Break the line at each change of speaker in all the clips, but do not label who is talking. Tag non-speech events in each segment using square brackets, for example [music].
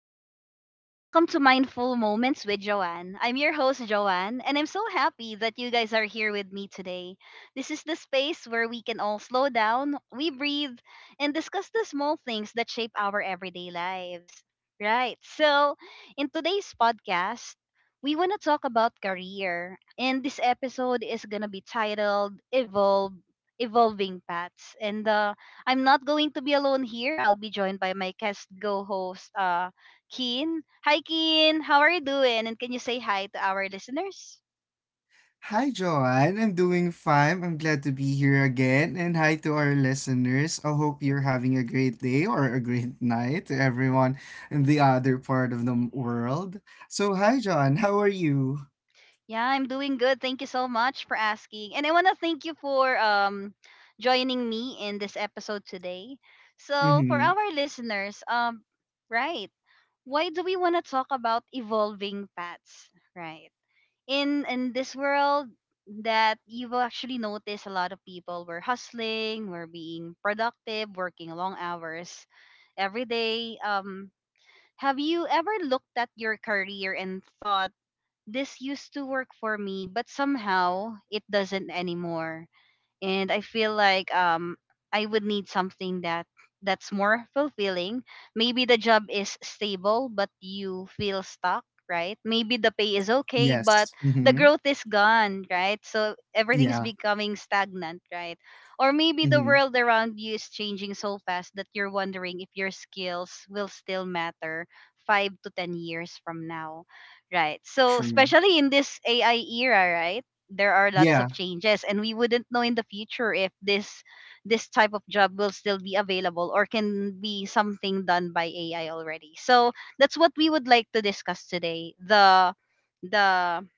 everyone, and welcome to Mindful Moments with Joanne. I'm your host, Joanne, and I'm so happy that you guys are here with me today. This is the space where we can all slow down, we breathe, and discuss the small things that shape our everyday lives. Right, so in today's podcast, we want to talk about career, and this episode is going to be titled Evolve. Evolving Paths. And I'm not going to be alone here. I'll be joined by my guest co host, Keen. Hi, Keen. How are you doing? And can you say hi to our listeners?
Hi, Joanne. I'm doing fine. I'm glad to be here again. And hi to our listeners. I hope you're having a great day or a great [laughs] night to everyone in the other part of the world. So, hi, Joanne. How are you?
Yeah, I'm doing good. Thank you so much for asking. And I want to thank you for joining me in this episode today. So, for
Mm-hmm.
our listeners, right. Why do we want to talk about evolving paths, right? In this world that you will actually notice a lot of people were hustling, were being productive, working long hours every day. Have you ever looked at your career and thought, this used to work for me, but somehow it doesn't anymore? And I feel like I would need something that's more fulfilling. Maybe the job is stable but you feel stuck, right? Maybe the pay is okay but
Yes.
the
Mm-hmm.
growth is gone, right? So everything's
Yeah.
becoming stagnant, right? Or maybe the
Mm-hmm.
world around you is changing so fast that you're wondering if your skills will still matter 5 to 10 years from now. Right. So
True.
especially in this AI era, right? There are lots of
Yeah.
changes and we wouldn't know in the future if this type of job will still be available or can be something done by AI already. So that's what we would like to discuss today. The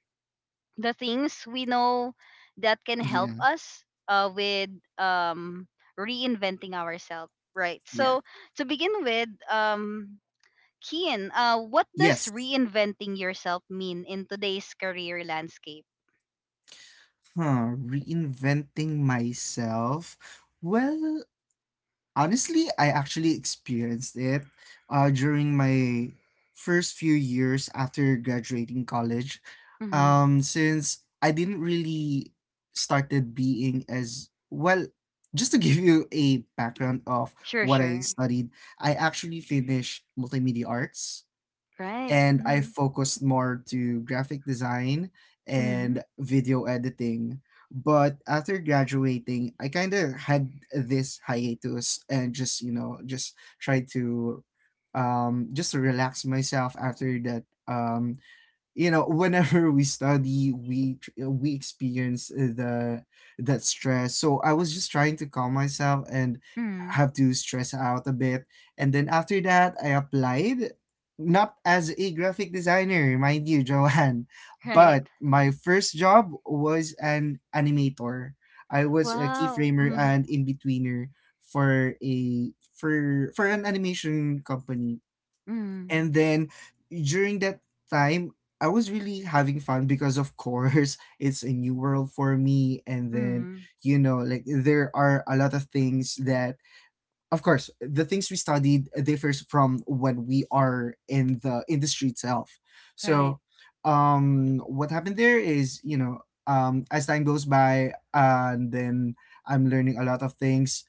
the things we know that can help
Yeah.
us with um, reinventing ourselves. Right.
Yeah.
So to begin with, Kian, what does
Yes.
reinventing yourself mean in today's career landscape?
Huh. Reinventing myself. Well, honestly, I actually experienced it during my first few years after graduating college.
Mm-hmm.
Since I didn't really started being as well, just to give you a background of
Sure,
what I
sure.
studied, I actually finished multimedia arts
Right.
and I
Mm.
focused more to graphic design
Mm.
and video editing. But after graduating, I kind of had this hiatus and just tried to just to relax myself after that whenever we study, we experience the that stress, so I was just trying to calm myself and
Mm.
have to stress out a bit. And then after that I applied, not as a graphic designer, mind you, [laughs] Joanne, but
Right.
my first job was an animator. I was a
Wow.
keyframer
Mm.
and in-betweener for a for for an animation company.
Mm.
And then during that time, I was really having fun because, of course, [laughs] it's a new world for me. And then,
Mm.
like, there are a lot of things that, of course, the things we studied differs from when we are in the industry itself.
Right.
So, what happened there is, as time goes by, and then I'm learning a lot of things,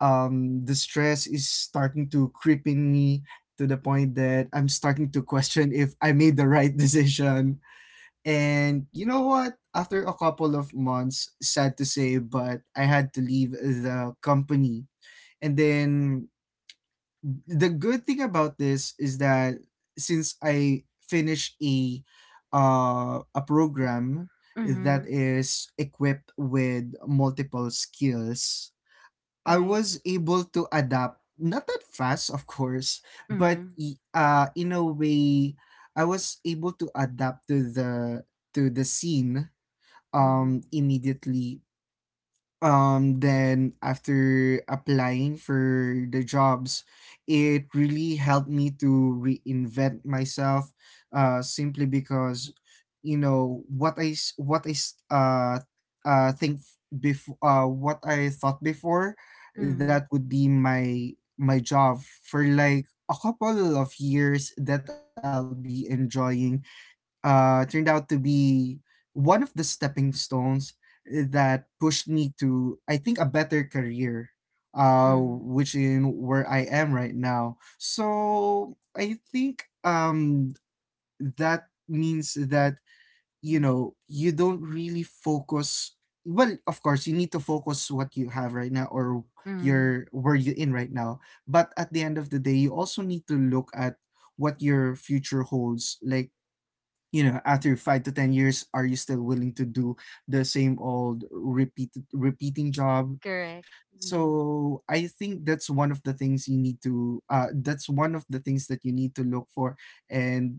the stress is starting to creep in me, to the point that I'm starting to question if I made the right [laughs] decision. And you know what? After a couple of months, sad to say, but I had to leave the company. And then the good thing about this is that, since I finished a program that
Mm.
is equipped with multiple skills, I
Right.
was able to adapt, not that fast, of course, but
Mm.
in a way, I was able to adapt to the scene
Mm.
immediately. Then, after applying for the jobs, it really helped me to reinvent myself, simply because, you know what i s- what i s- uh think before what I thought before, that
Mm.
would be my job for like a couple of years that I'll be enjoying, turned out to be one of the stepping stones that pushed me to, I think, a better career,
Mm.
which in where I am right now. So I think that means that, you don't really focus. Well, of course, you need to focus what you have right now, or
Mm.
your where you in right now. But at the end of the day, you also need to look at what your future holds. Like, after 5 to 10 years, are you still willing to do the same old repeating job?
Correct. Mm.
So I think that's one of the things you need to that's one of the things that you need to look for, and,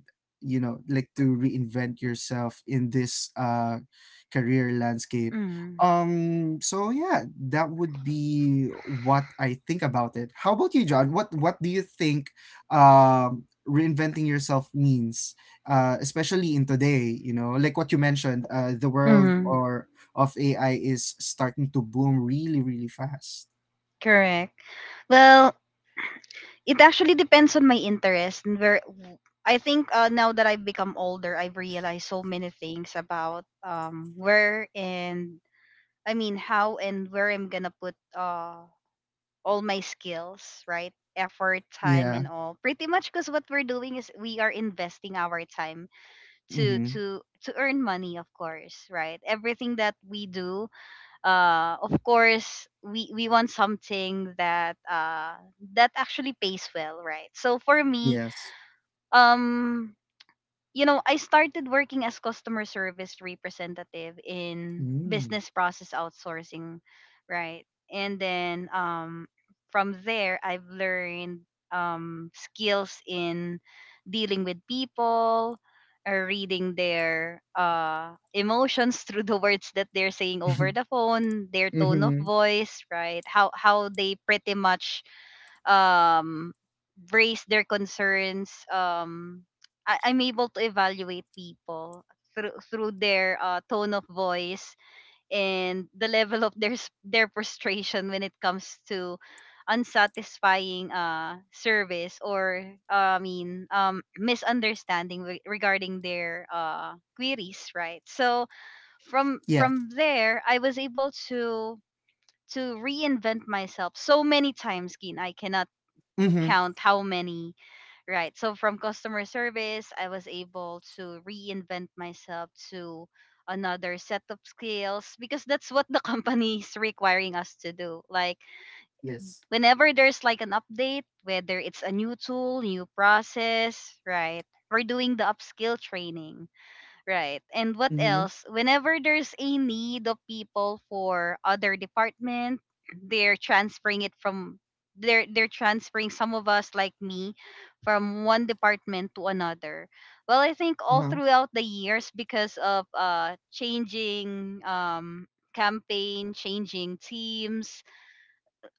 like, to reinvent yourself in this career landscape.
Mm.
So yeah, that would be what I think about it. How about you, John? What do you think um reinventing yourself means, especially in today, like what you mentioned, the world
Mm.
or of AI is starting to boom really, really fast.
Correct. Well, it actually depends on my interest and where I think, now that I've become older, I've realized so many things about where and I mean how and where I'm gonna put all my skills, right? Effort, time,
Yeah.
and all. Pretty much because what we're doing is we are investing our time to
Mm-hmm.
to to earn money, of course, right? Everything that we do, of course, we want something that that actually pays well, right? So for me,
Yes.
um, you know, I started working as customer service representative in
Mm.
business process outsourcing, right? And then, from there, I've learned skills in dealing with people, or reading their emotions [laughs] through the words that they're saying over the
[laughs]
phone, their tone of
Mm-hmm.
voice, right? How they pretty much um raise their concerns. I'm able to evaluate people through their tone of voice and the level of their their frustration when it comes to unsatisfying service or misunderstanding regarding their queries, right? So from
Yeah.
from there I was able to reinvent myself so many times, Kin. I cannot
Mm-hmm.
count how many, right? So from customer service, I was able to reinvent myself to another set of skills because that's what the [laughs] company is requiring us to do. Like
Yes.
whenever there's like an update, whether it's a new tool, new process, right? We're doing the upskill training. Right. And what
Mm-hmm.
else? Whenever there's a need of people for other department, they're transferring it from they're transferring some of us like me from one department to another. Well, I think all
Uh-huh.
throughout the years because of changing campaign, changing teams,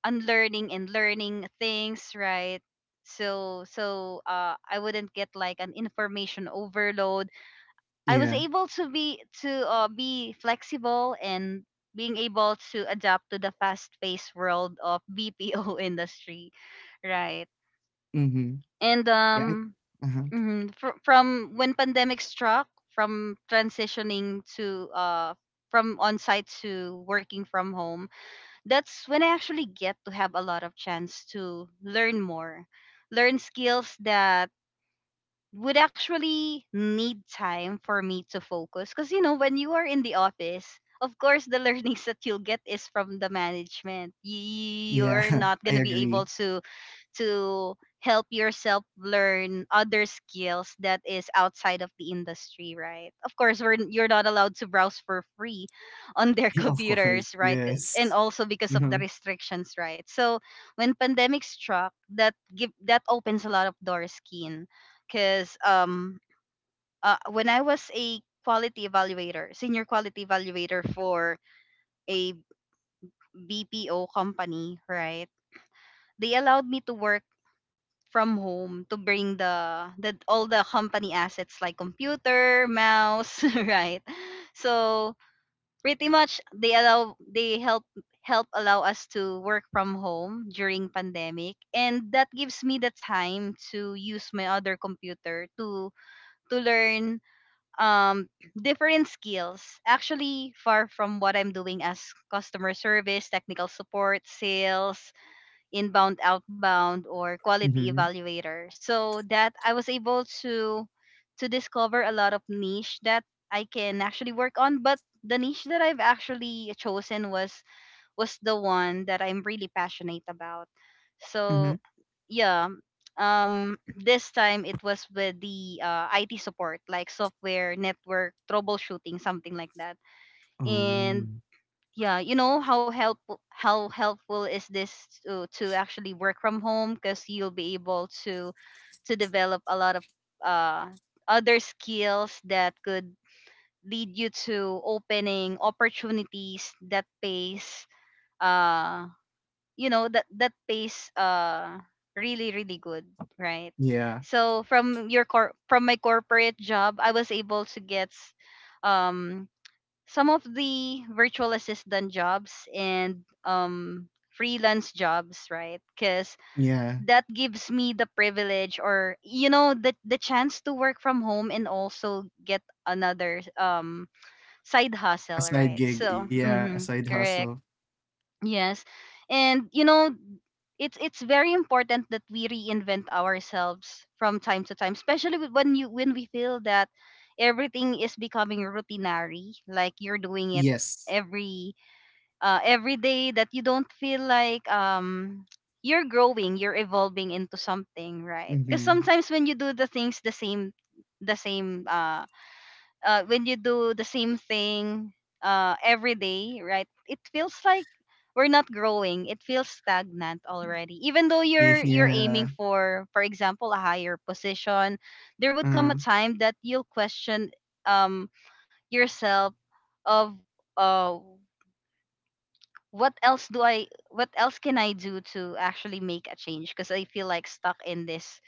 unlearning and learning things, right? So I wouldn't get like an information overload. I was
Yeah.
able to be flexible and being able to adapt to the fast-paced world of [laughs] BPO industry, right?
Mm-hmm.
And
Yeah. Uh-huh.
from when pandemic struck, from transitioning to from on-site to working from home, that's when I actually get to have a lot of chance to learn more, learn skills that would actually need time for me to focus, because you know, when you are in the office, of course the [laughs] learnings that you'll get is from the management.
Yeah.
You're not
[laughs] I
going to be
agree.
able to help yourself learn other skills that is outside of the industry, right? Of course you're not allowed to browse for free on their [laughs]
[laughs] Of course.
computers, right?
Yes.
And also because of
Mm-hmm.
the restrictions, right? So when pandemic struck, that opens a lot of doors, Keen, because when I was a quality evaluator, senior quality evaluator for a BPO company, right, they allowed me to work from home, to bring the all the company assets like computer, mouse, [laughs] right? So pretty much they allow they help help allow us to work from home during pandemic, and that gives me the time to use my other computer to learn um different skills actually far from what I'm doing as customer service, technical support, sales, inbound, outbound, or quality
Mm-hmm.
evaluator. So that I was able to discover a lot of niche that I can actually work on. But the niche that I've actually chosen was the one that I'm really passionate about.
Mm-hmm.
So yeah, um, [clears throat] this time it was with the IT support, like software network troubleshooting, something like that.
Oh.
And yeah, you know how help how helpful is this, to actually work from home, because you'll be able to develop a lot of uh, other skills that could lead you to opening opportunities that pays uh you know that that pays really really good, right?
Yeah.
So from my corporate job I was able to get um some of the virtual assistant jobs and freelance jobs, right? Because
Yeah.
that gives me the privilege, or you know, the chance to work from home and also get another side
A
hustle,
side
right?
gig.
So
Yeah. A
mm-hmm,
side hustle.
correct. Yes. And you know, it's very important that we reinvent ourselves from time to time, especially when you when we feel that everything is becoming routinary, like you're doing it
Yes.
every every day, that you don't feel like you're growing, you're evolving into something, right?
Mm-hmm.
Cuz sometimes when you do the things the same when you do the same thing every day, right? It feels like we're not growing. It feels stagnant already. Even though you're
Yeah.
aiming for example, a higher position, there
Uh,
would come a time that you'll question um, yourself of uh, what else can I do to actually make a change? Because I feel like stuck in this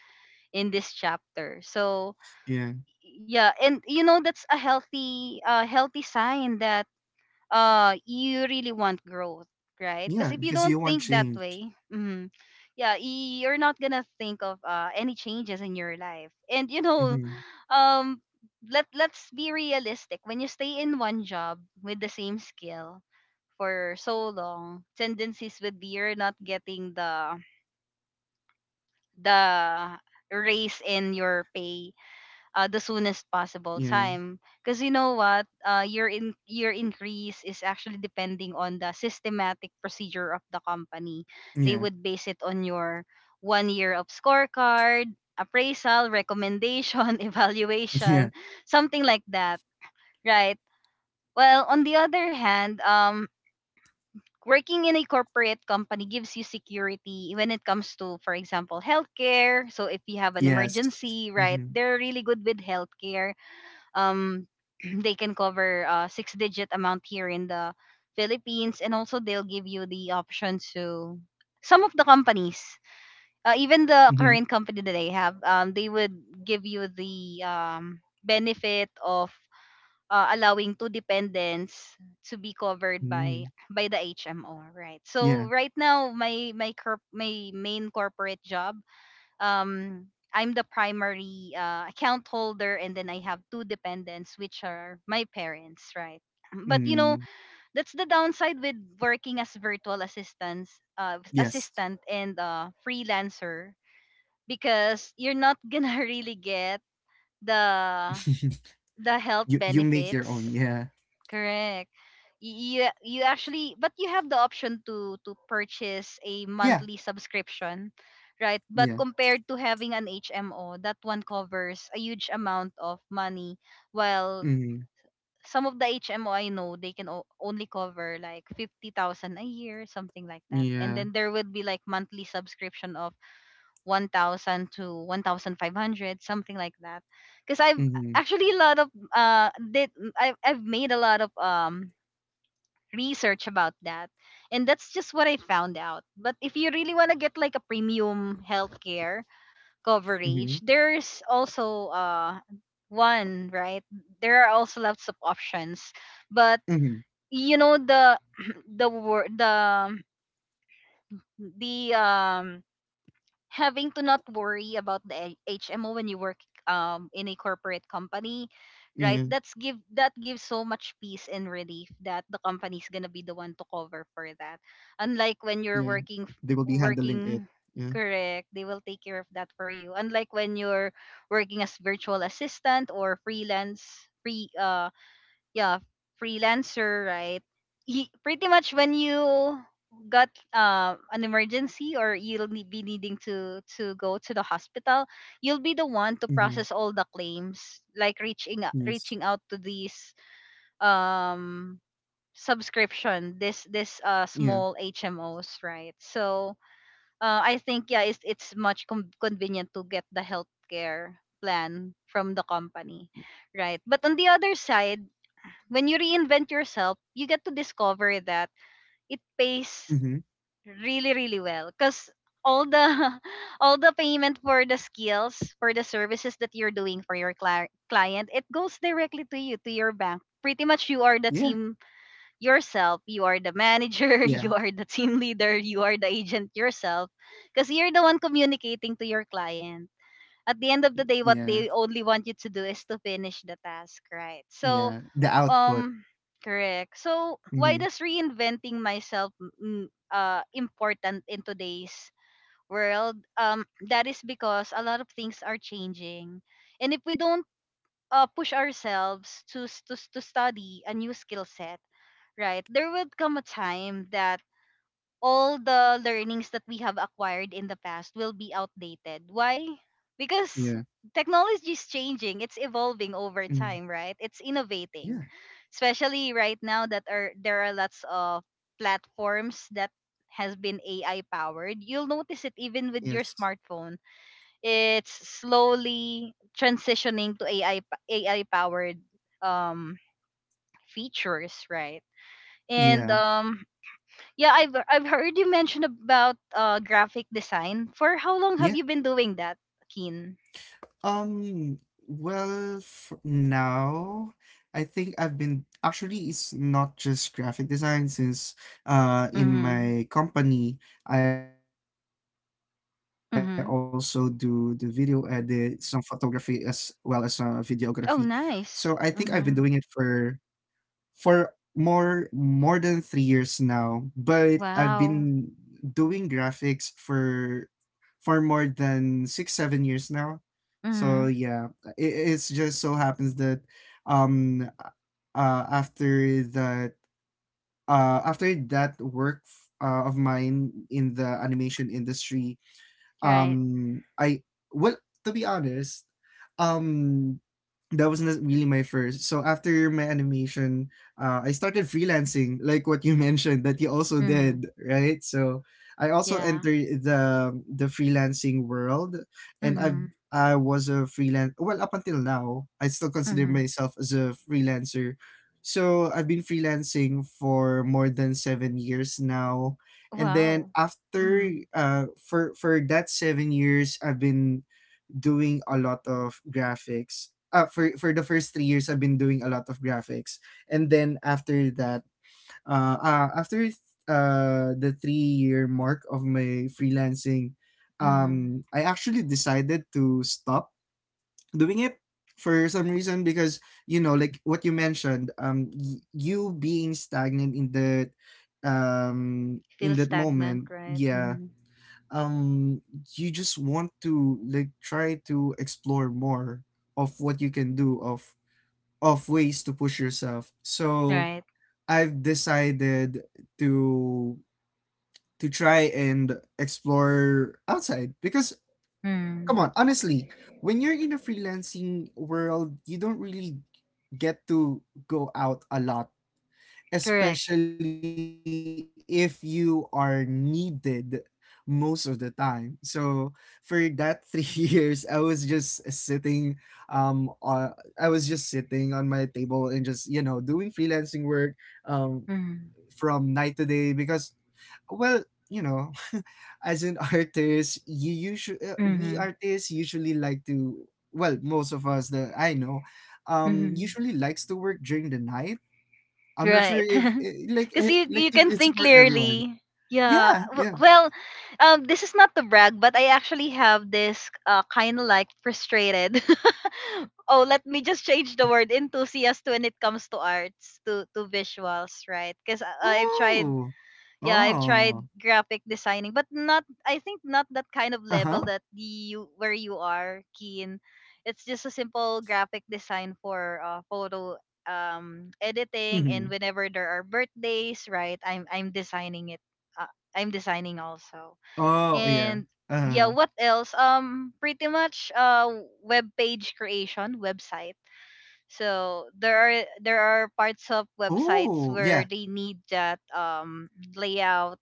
in this chapter. So
yeah.
yeah, and you know, that's a healthy healthy sign that you really want growth, right? Because
Yeah.
if you
Because
don't
you want
think that
change.
way, mhm, yeah, you're not gonna think of any changes in your life. And you know,
Mm-hmm.
um let let's be realistic, when you stay in one job with the same skill for so long, tendencies would be you're not getting the raise in your pay the soonest possible
Yeah.
time, because you know what, your increase is actually depending on the systematic procedure of the company. They
Yeah.
would base it on your 1 year of scorecard, appraisal, recommendation, [laughs]
[laughs]
evaluation,
Yeah.
something like that, right? Well, on the other hand, working in a corporate company gives you security when it comes to, for example, healthcare. So if you have an
Yes.
emergency, right,
Mm-hmm.
they're really good with healthcare. um [clears throat] they can cover a six digit amount here in the Philippines. And also they'll give you the option to, some of the companies, even the
Mm-hmm.
current company that I have, they would give you the benefit of allowing two dependents to be covered
Mm-hmm.
by the HMO, right?
Yeah.
So right now my my main corporate job, um I'm the primary account holder, and then I have two dependents, which are my parents, right? [clears throat] But you know,
Mm.
that's the downside with working as
Yes.
assistant and freelancer, because you're not gonna [laughs] really get the
[laughs]
the health
You make your own.
benefits.
Yeah.
Correct. You, you actually, but you have the option to purchase a
Yeah.
monthly subscription, right? But
Yeah.
compared to having an HMO, that one covers a huge amount of money, while
Mm-hmm.
some of the HMO I know, they can only cover like 50,000 a year, something like that.
Yeah.
And then there would be like monthly subscription of 1,000 to 1,500 something like that. Cuz I've
Mm-hmm.
actually a lot of I've made a lot of research about that. And that's just what I found out. But if you really want to get like a premium healthcare
Mm-hmm.
coverage, there's also one, right? There are also lots of options. But
Mm-hmm.
you know the [clears throat] the wor- the having to not worry about the HMO when you work in a corporate company,
Yeah.
right? That gives so much peace and relief that the company's gonna be the one to cover for
Yeah.
that.
They will
Unlike
be
when you're
handling
working
it.
f-
Yeah.
working correct, they will take care of that for you. Unlike when you're working as virtual assistant or yeah, freelancer, right? He, pretty much when you got an emergency or you'll be needing to go to the hospital, you'll be the one to
Mm-hmm.
process all the claims, like
Yes.
reaching out to these um subscription, this
Yeah.
small HMOs, right? So I think yeah, it's much convenient to get the healthcare plan from the company, right? But on the other side, when you reinvent yourself, you get to discover that it pays
Mm-hmm.
really, really well. Cause all the [laughs] all the payment for the skills, for the services that you're doing for your client, it goes directly to you, to your bank. Pretty much you are
Yeah.
the team yourself, you are the
Yeah.
manager. [laughs] You are the team leader, you are the agent yourself, because you're the one communicating to your client. At the end of the day, what
Yeah.
they only want you to do is to finish the task, right?
Yeah.
So
The output.
um, correct. So,
Mm-hmm.
why does reinventing myself important in today's world? That is because a lot of things are changing, and if we don't push ourselves to study a new skill set, right? There will come a time that all the learnings that we have acquired in the past will be outdated. Why? Because
Yeah.
technology is changing, it's evolving over
Mm.
time, right? It's
Yeah.
innovating. Especially right now that are there are lots of platforms that has been AI powered. You'll notice it even with your
Yes.
smartphone. It's slowly transitioning to AI powered um features, right? And
Yeah.
yeah, I've heard you mention about graphic design. For how long have
Yeah.
you been doing that, Keen?
Um, well, for now, I think I've been actually, it's not just graphic design, since in
Mhm.
my company I also do the video edit, some
Mhm.
photography, as well as videography. So I think I've been
Oh,
doing it
nice.
for
Mhm.
for more than 3 years now, but I've
Wow.
been doing graphics for more than six, 7 years now. So
Mhm.
yeah, it's just so happens that um uh after that after that work, of mine in the animation industry,
Right.
I well, to be honest, um, that wasn't really my first. So after my animation, I started freelancing, like what you [laughs] mentioned that you also
Mhm.
did, right? So I also
Yeah.
entered the freelancing world, and
Mhm.
I was a freelance. Well, up until now, I still consider
Mhm.
myself as a freelancer. So I've been freelancing for more than 7 years now, and then
Wow.
after
Mhm.
for that 7 years I've been doing a lot of graphics, for the first 3 years I've been doing a lot of graphics, and then after the 3 year mark of my freelancing,
Mhm.
I actually decided to stop doing it for some reason, because, like what you mentioned, you being stagnant in that,
Feel
in that moment,
stagnant, right?
yeah.
Mhm.
um you just want to, like, try to explore more of what you can do, of ways to push yourself. So
Right.
I've decided to try and explore outside, because
Mhm.
come on, honestly, when you're in a freelancing world, you don't really get to go out a lot,
Correct.
especially if you are needed most of the time. So for that [laughs] 3 years, um, uh, I was just sitting on my table and just, doing freelancing work, um,
Mhm.
from night to day, because, well, you know [laughs] as an artist you usually, we
Mhm.
artists usually like to well, most of us that I know
Mhm.
usually likes to work during the night. I'm not sure
Right.
if,
[laughs] Because you,
like,
you
if
can
it's
think
for everyone.
clearly. Yeah.
Yeah,
W-
yeah.
Well, this is not to brag, but I actually have this kind of like frustrated. [laughs] Oh, let me just change the word enthusiast when it comes to arts, to visuals, right? Because
Oh,
I've tried,
oh.
yeah, I've tried graphic designing, but not, I think not that kind
Uh-huh.
of level that the you where you are, Keen. It's just a simple graphic design for photo editing, and
Mm-hmm.
whenever there are birthdays, right, I'm designing it. uh,
Oh,
I'm
yeah.
designing
Uh-huh.
also, and yeah, what else? Pretty much web page creation, website. So there
Oh,
are,
yeah,
there are parts of websites where they need that layout,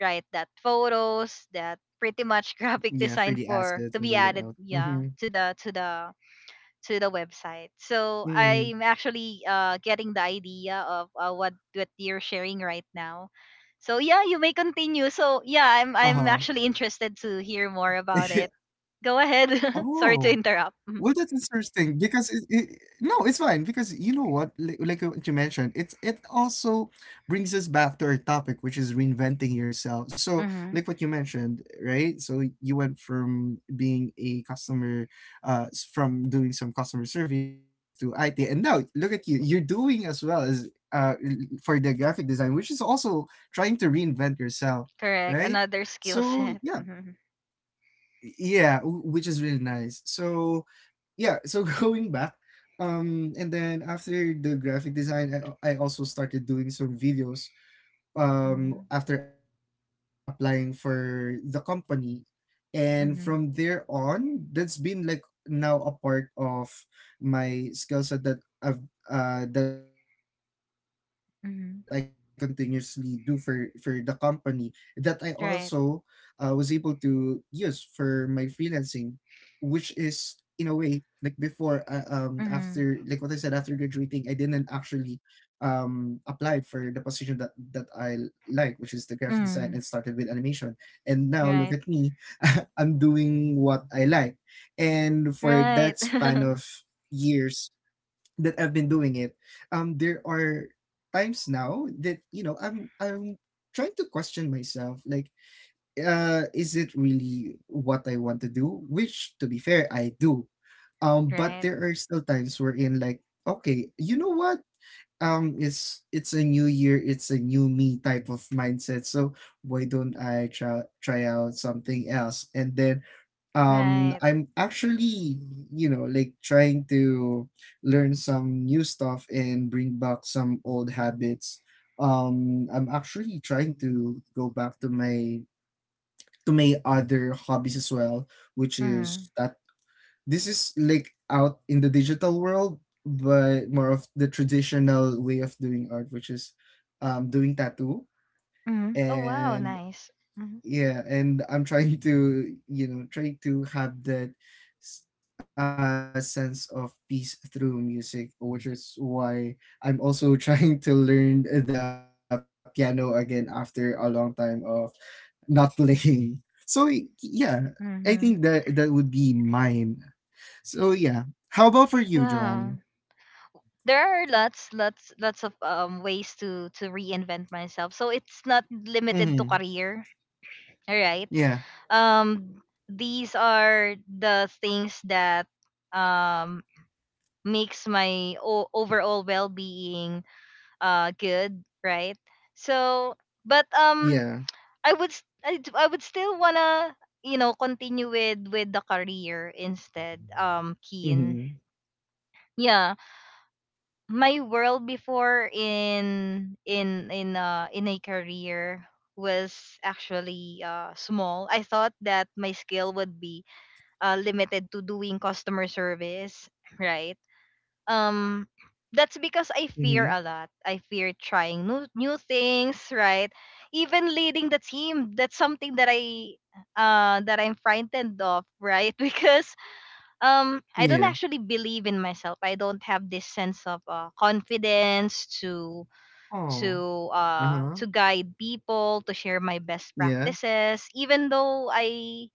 right, that photos,
yeah, for
that
the
pretty
assets and
much
the
[laughs] graphic
layout.
design
Mm-hmm.
for to be added, yeah, to the to the to the
Mm.
website. So I'm actually getting the idea of what you're sharing right now. So yeah, you may continue. So yeah,
Uh-huh.
I'm actually interested to hear
[laughs]
more
Yeah.
about it. Go ahead. [laughs]
Oh.
Sorry to interrupt.
Well,
Mm.
that's interesting because no, it's fine, because you know what, like, what you mentioned, it also brings us back to our topic, which is reinventing yourself.
Mm-hmm.
So, like what you mentioned, right? So you went from being from doing some customer service to IT, and now look at you, you're doing as well as for the graphic design, which is also trying to reinvent yourself,
Correct,
right?
another skill
So
set. [laughs]
yeah,
Mhm.
yeah, which is really nice. So yeah, so [laughs] going back, and then after the graphic design, I also started doing some videos,
Mhm.
after applying for the company. And from there
Mhm.
on, that's been like now a part of my skill set I've that I continuously do for the
Mhm.
company that I also, was able to use
Right.
for my freelancing, which is, in a way, like before, after, like what I said, after
Mhm.
graduating I didn't actually, applied for the position that I like, which is the graphic design, and started with
Mhm.
animation. And now look at me,
Right.
[laughs] I'm doing what I like. And for that
Right.
span of
[laughs]
years that I've been doing it, there are times now that, I'm trying to question myself, like. Is it really what I want to do? Which, to be fair, I do. But
Right.
there are still times wherein, like, okay, you know what? It's a new year, it's a new me type of mindset. So why don't I try out something else? And then
Right.
I'm actually, like, trying to learn some new stuff and bring back some old habits. I'm actually trying to go back to my other hobbies as well, which is
Mhm.
that this is like out in the digital world, but more of the traditional way of doing art, which is doing tattoo.
Mhm. Oh wow,
And
nice. Mhm.
yeah, and I'm trying to have that sense of peace through music, which is why I'm also [laughs] trying to learn the piano again after a long time of not [laughs] playing. So yeah, I think that
Mhm.
that would be mine. So yeah. How about for you, Joanne?
Wow. There are lots of ways to reinvent myself. So it's not limited to
Mm-hmm.
career. All right.
Yeah.
Um these are the things that um makes my overall well-being good, right? So but
Yeah.
I would I would still wanna, you know, continue with the career instead.
Mm-hmm.
Keen. Yeah, my world before in a career was actually small. I thought that my skill would be limited to doing customer service, right? um
Mm-hmm.
that's because I fear a lot. I fear trying new new things, right? Even leading the team, that's something that I, that I'm frightened of, right? [laughs] Because I
Yeah.
don't actually believe in myself. I don't have this sense of confidence to,
Oh. Uh-huh.
to guide people, to share my best
Yeah.
practices, even though I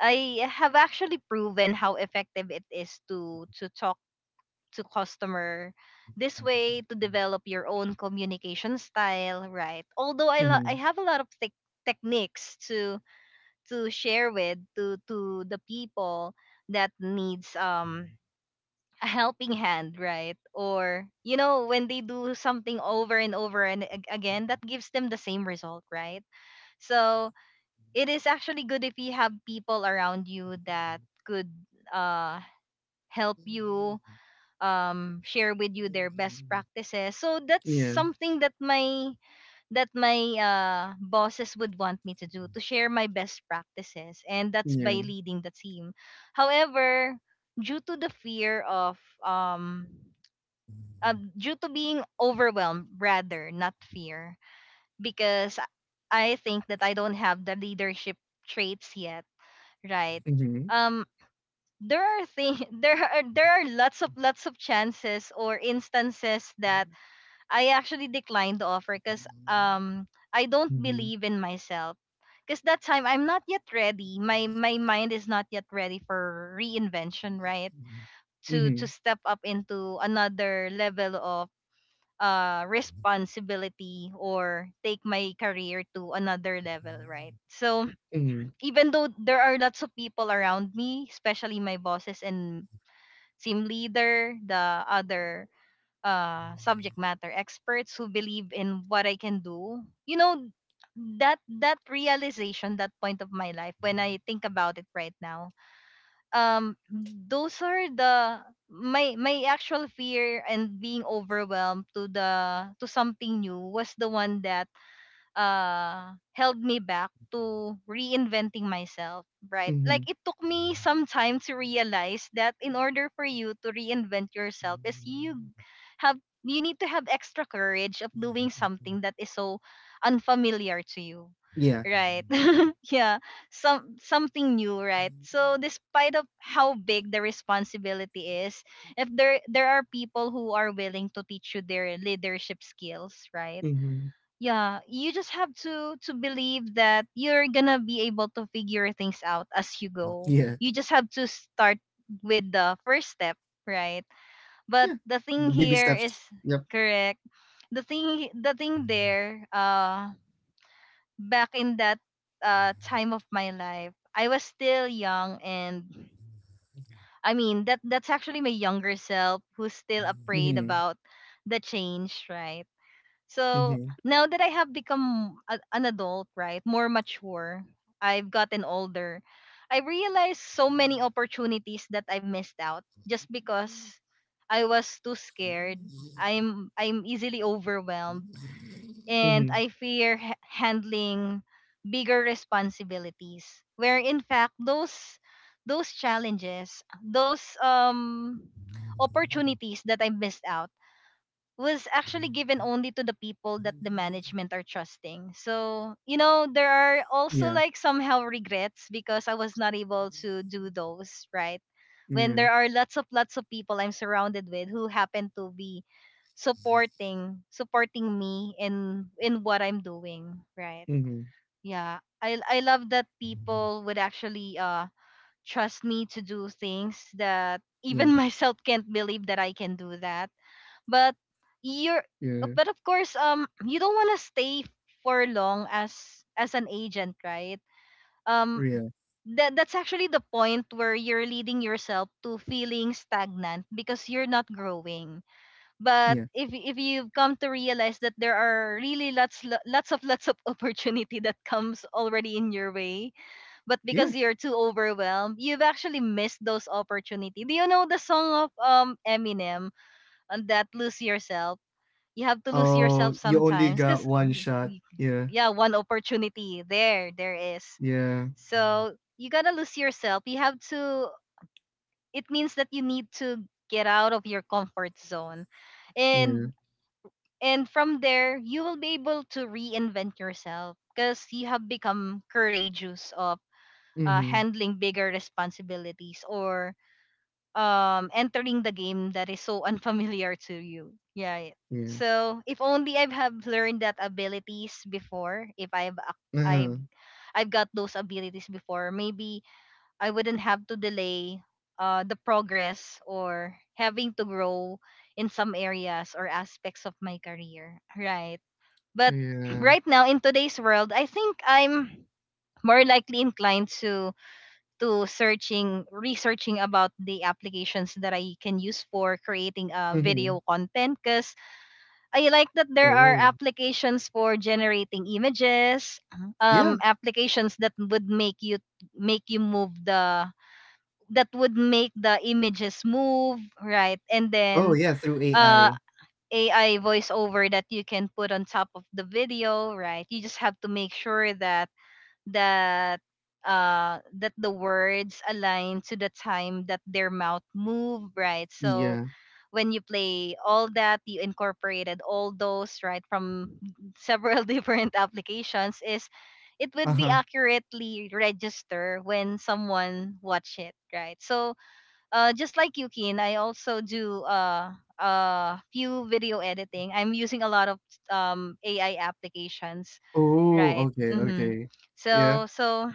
I have actually proven how effective it is to talk to customer. This way to develop your own communication style, right? Although I
Mm-hmm.
have a lot of techniques to share with, to the people that needs a helping hand, right? Or, you know, when they do something over and over and again, that gives them the same result, right? So it is actually good if you have people around you that could uh help you share with you their best practices. So that's
Yeah.
something that my, that my bosses would want me to do, to share my best practices, and that's by
Yeah.
leading the team. However, due to the fear of um due to being overwhelmed, rather, not fear, because I think that I don't have the leadership traits yet, right?
Mm-hmm.
um there are things, [laughs] there are, there are lots of chances or instances that I actually declined the offer because I don't
Mm-hmm.
believe in myself. Because that time I'm not yet ready. My mind is not yet ready for reinvention, right? To
Mm-hmm.
step up into another level of responsibility or take my career to another level, right? So
Mm-hmm.
even though there are lots of people around me, especially my bosses and team leader, the other subject matter experts who believe in what I can do. You know, that that realization, that point of my life, when I think about it right now, those are the my my actual fear, and being overwhelmed to the, to something new was the one that held me back to reinventing myself, right? Like
Mm-hmm.
it took me some time to realize that in order for you to reinvent yourself is you have, you need to have extra courage of doing something that is so unfamiliar to you.
Yeah.
Right. [laughs] Yeah. Some something new, right? So despite of how big the responsibility is, if there, there are people who are willing to teach you their leadership skills, right?
Mm-hmm.
Yeah, you just have to believe that you're gonna be able to figure things out as you go.
Yeah.
You just have to start with the first step, right?
Yeah.
But the
The baby
thing
steps.
here is,
Yep.
correct, the thing, the thing there, back in that time of my life, I was still young, and I mean that that's actually my younger self who's still afraid
Mm-hmm.
about the change, right? So
Mm-hmm.
now that I have become a, an adult, right, more mature, I've gotten older, I realized so many opportunities that I've missed out just because I was too scared. I'm easily overwhelmed and
Mm-hmm.
I fear handling bigger responsibilities. Where in fact those challenges, those opportunities that I missed out was actually given only to the people that the management are trusting. So, you
Yeah.
know, there are also like somehow regrets because I was not able to do those, right?
Yeah.
When there are lots of people I'm surrounded with who happen to be supporting me in what I'm doing, right?
Mm-hmm.
Yeah. I love that people would actually trust me to do things that
Yeah.
even [laughs] myself can't believe that I can do that, but
Yeah.
you're, but of course you don't want to stay for long as an agent, right? um
Yeah.
that that's actually the point where you're leading yourself to feeling stagnant because you're not growing.
Yeah.
But if you've come to realize that there are really lots of [laughs] lots of opportunity that comes already in your way, but
Yeah.
because you're too overwhelmed, you've actually missed those opportunity. Do you know the song of Eminem on that, Lose Yourself? You have to lose yourself
Oh, you only
sometimes
got
because,
one shot. Yeah.
yeah, one opportunity there, there is.
Yeah.
So you gotta lose yourself, you have to, it means that you need to get out of your comfort zone, and
Yeah.
and from there you will be able to reinvent yourself because you have become courageous of
Mhm.
handling bigger responsibilities, or entering the game that is so [laughs] unfamiliar to you. Yeah, yeah.
Yeah.
So if only I have learned that abilities before, if
Uh-huh.
I've got those abilities before, maybe I wouldn't have to delay the progress or having to grow in some areas or aspects of my career, right? But [clears throat]
Yeah.
right now in today's world, I think I'm more likely inclined to searching, researching about the applications that I can use for creating video
Mhm.
content, because I like that there are
Oh.
applications for generating images,
Yeah.
applications that would make you move the that would make the images move, right? And
Oh,
then
yeah, through
uh
AI.
AI voiceover that you can put on top of the video, right? You just have to make sure that that that the words align to the time that their mouth move, right? So
Yeah.
when you play all that, you incorporated all those, right, from several [laughs] different applications, is it would
Uh-huh.
be accurately register when someone watch it, right? So just like you, Keen, I also do a few video editing. I'm using a lot of AI applications,
Oh,
right?
okay.
Hmm.
Okay. Yeah.
So,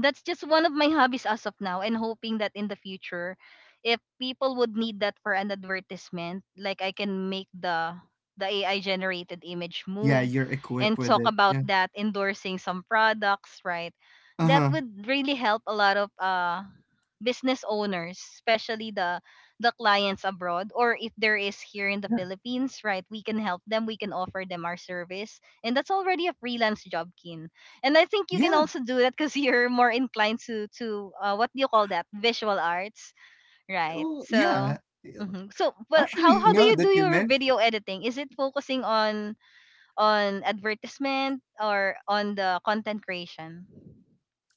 that's just one of my hobbies as of now, and hoping that in the future, if people would need that for an advertisement, like I can make the AI generated image
Yeah,
move
you're
and
equipped with
talk
it.
about
Yeah.
that endorsing some products, right? That
Uh-huh.
would really help a lot of business owners, especially the clients abroad, or if there is here in the
Yeah.
Philippines, right? We can help them, we can offer them our service. And that's already a freelance job, Kin. And I think you
Yeah.
can also do that, cuz [laughs] you're more inclined to what do you call that? Visual arts, right?
Oh,
So
yeah.
mhm. So, but how
Actually,
do
now
you
that
do
you
your
mention
video editing? Is it focusing on advertisement or on the content creation?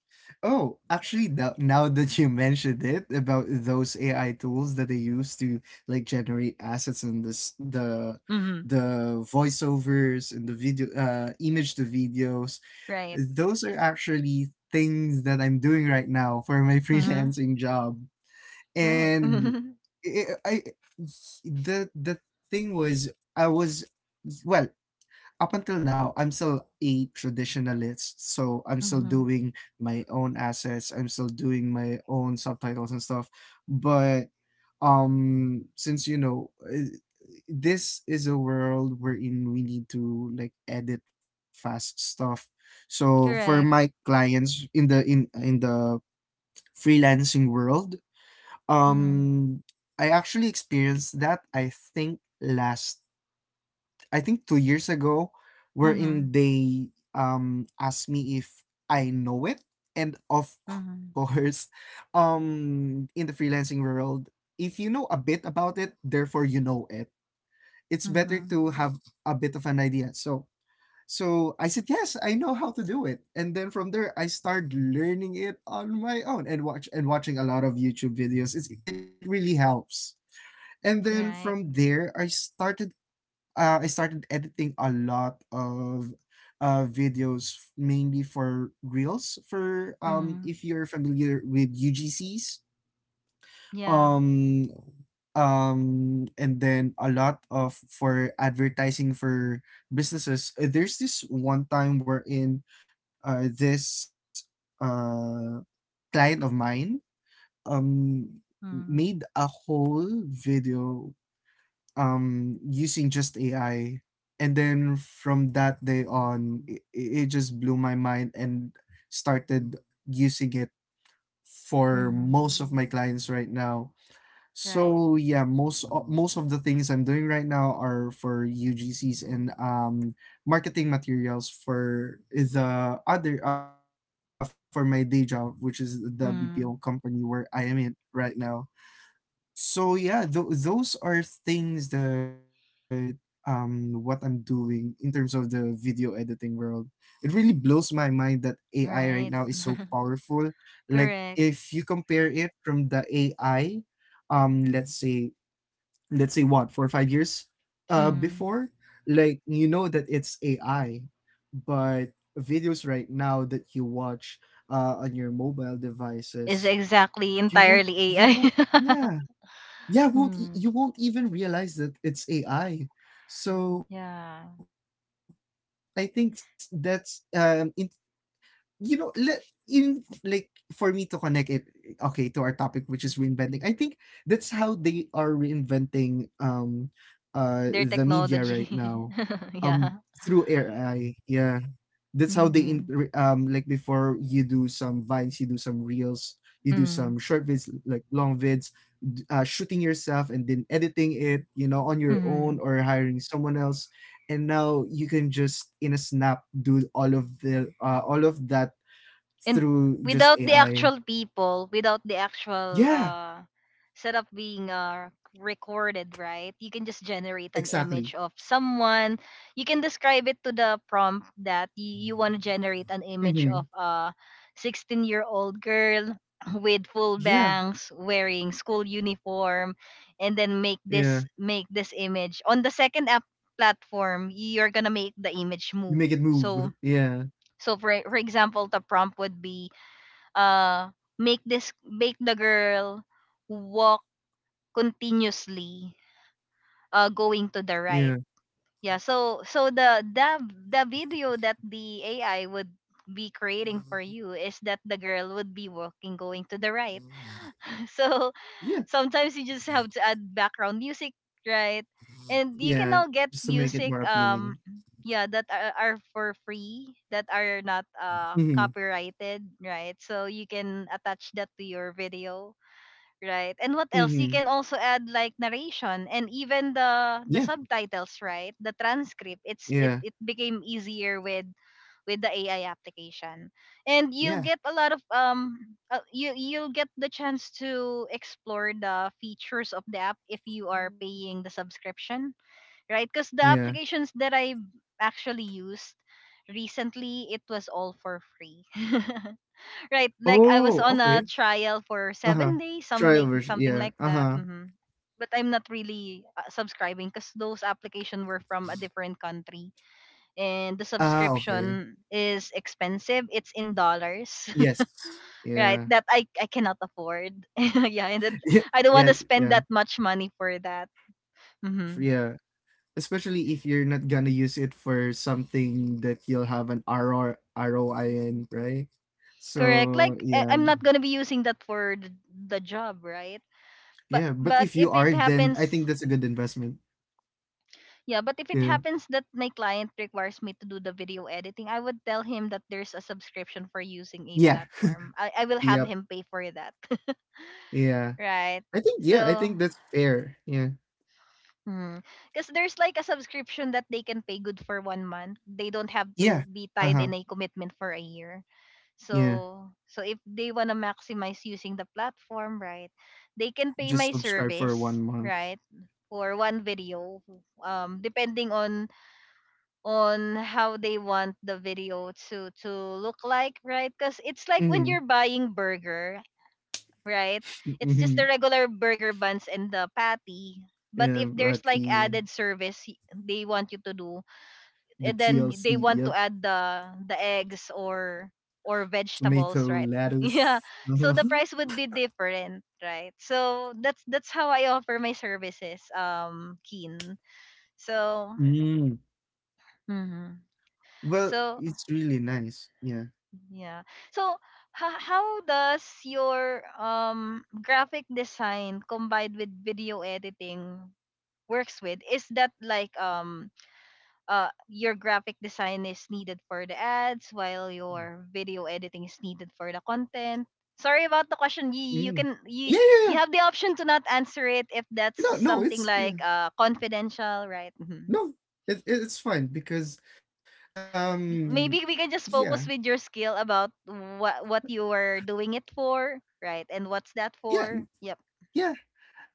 Oh, actually, now that you mentioned it about those AI tools that they use to like generate assets and this
Mm-hmm.
the voiceovers and the video image to videos,
Right.
those are actually things that I'm doing right now for my [laughs]
Mm-hmm.
freelancing job.
Right.
And
[laughs]
I, I I- the thing was I was well up until now, I'm still a traditionalist. So I'm still
Mhm.
doing my own assets. I'm still doing my own subtitles and stuff. But since this is a world wherein we need to like edit fast stuff. So for my
Correct.
clients in the freelancing world,
Mhm.
um, I actually experienced that. I think two years ago, wherein
Mhm.
they asked me if I know it, and of
Mhm.
course, [laughs] in the freelancing world, if you know a bit about it, therefore you know it. It's better
Mhm.
to have a bit of an idea. So I said yes, I know how to do it, and then from there I started learning it on my own and watching a lot of YouTube videos. It really helps. And then from
Right.
there, I started editing a lot of videos mainly for reels for
Mhm.
if you're familiar with UGCs,
Yeah.
um and then a lot of for advertising for businesses. There's this one time wherein this client of mine um
Mhm.
made a whole video using just AI, and then from that day on, it just blew my mind and started using it for
Mhm.
most of my clients right now.
Right.
So yeah, most of the things I'm doing right now are for UGCs and marketing materials for the other for my day job, which is the BPO company where
Mhm.
I am in right now. So yeah, those are things that what I'm doing in terms of the video editing world. It really blows my mind that AI right now is so
Right.
powerful.
[laughs]
Like if you
Correct.
compare it from the AI, um, let's say let's say what four or five years, before,
Mhm.
like you know that it's AI, but videos right now that you watch on your mobile
Is
devices,
exactly entirely
you
AI.
won't
Mhm.
yeah
[laughs]
yeah won't e- you won't even realize that it's AI. So I think
Yeah.
that's in you know, le- in like for me to connect it, okay, to our topic, which is reinventing. I think that's how they are reinventing the media right
Their
now,
technology.
um, through
[laughs] Yeah.
AI. Yeah, that's how they
Mhm.
like before you do some vines, you do some reels, you do some short
Mhm.
vids, like long vids. Shooting yourself and then editing it, you know, on your own
Mhm.
or hiring someone else, and now you can just in a snap do all of that
And
through just
without the
AI.
actual people, without the actual
Yeah,
setup being recorded, right? You can just generate an
exactly.
image of someone. You can describe it to the prompt that you want to generate an image
Mm-hmm.
of a 16-year-old girl [clears throat] with full
Yeah,
bangs wearing school uniform, and then make
yeah.
this image on the second app platform. You're gonna make the image
You
move.
make it
So
move. Yeah,
so for example, the prompt would be uh make this make the girl walk continuously going to
yeah,
the right. Yeah, so so the video that the AI would be creating for you is that the girl would be walking going to the right. [laughs] So
yeah,
sometimes you just have to add background music, right? And you
yeah.
can now get
Just to make it more
music,
appealing.
yeah, that are for free, that are not
Mm-hmm.
copyrighted, right? So you can attach that to your video, right? And what else? You
Mm-hmm.
can also add like narration and even the
Yeah,
subtitles, right? The transcript. It
yeah,
it became easier with the AI application, and you'll
yeah,
get a lot of you you'll get the chance to explore the features of the app if you are paying the subscription, right? Because the
yeah.
applications that I actually used recently, it was all for free. [laughs] Right, like I was
Oh,
on a
okay.
trial for
Uh huh.
7 days,
Trial version.
something
Yeah.
like
Uh
that.
huh.
Hmm. But I'm not really subscribing, because those application were from a different country, and the
Ah, okay.
subscription is expensive. It's in dollars,
Yes.
[laughs] right?
Yeah.
That I cannot afford. [laughs] Yeah, and then
[laughs] Yeah.
I don't want
Yeah.
to spend
Yeah.
that much money for that. Hmm.
Yeah, especially if you're not gonna use it for something that you'll have an ROI in, right?
Correct.
So
Like
yeah,
I'm not gonna be using that for the job, right?
yeah. But
But
if you
if it
are, then I
happens
think that's a good investment.
Yeah, but if it
Yeah.
happens that my client requires me to do the video editing, I would tell him that there's a subscription for using a
Yeah.
platform. I will have
Yep.
him pay for that. [laughs]
Yeah.
Right.
I think yeah. I
So,
think that's fair. Yeah.
because there's like a subscription that they can pay good for 1 month. They don't have
Yeah.
to be
Uh
tied
huh.
in a commitment for a year.
Yeah.
So, so if they want to maximize using the platform, right, they can pay
Just
my
subscribe for
service,
one month.
right, for 1 video, depending on how they want the video to look like, right? Because it's like when
Mm-hmm.
you're buying burger, right? It's just
Mm-hmm.
the regular burger buns and the patty. But
Yeah.
if there's
But
like added service they want you to do,
the
and then they
TLC.
want to
Yep.
add the eggs or
Tomato
vegetables, right? [laughs]
lettuce. [laughs]
Yeah. So the
Uh-huh.
price would be different, right? So that's how I offer my services, Keen. So,
Mm.
mhm.
Well,
So
it's really nice. Yeah.
yeah. So how does your graphic design combined with video editing works with? Is that like your graphic design is needed for the ads while your video editing is needed for the content? Sorry about the question. You
Mm.
can
Yeah,
you
yeah, yeah.
You have the option to not answer it if that's
No, no,
something
it's yeah.
like confidential, right? Mm-hmm.
No, it's fine because um
Maybe we can just
yeah.
focus with your skill about what you were doing it for, right? And what's that
Yeah,
for? Yep.
yeah.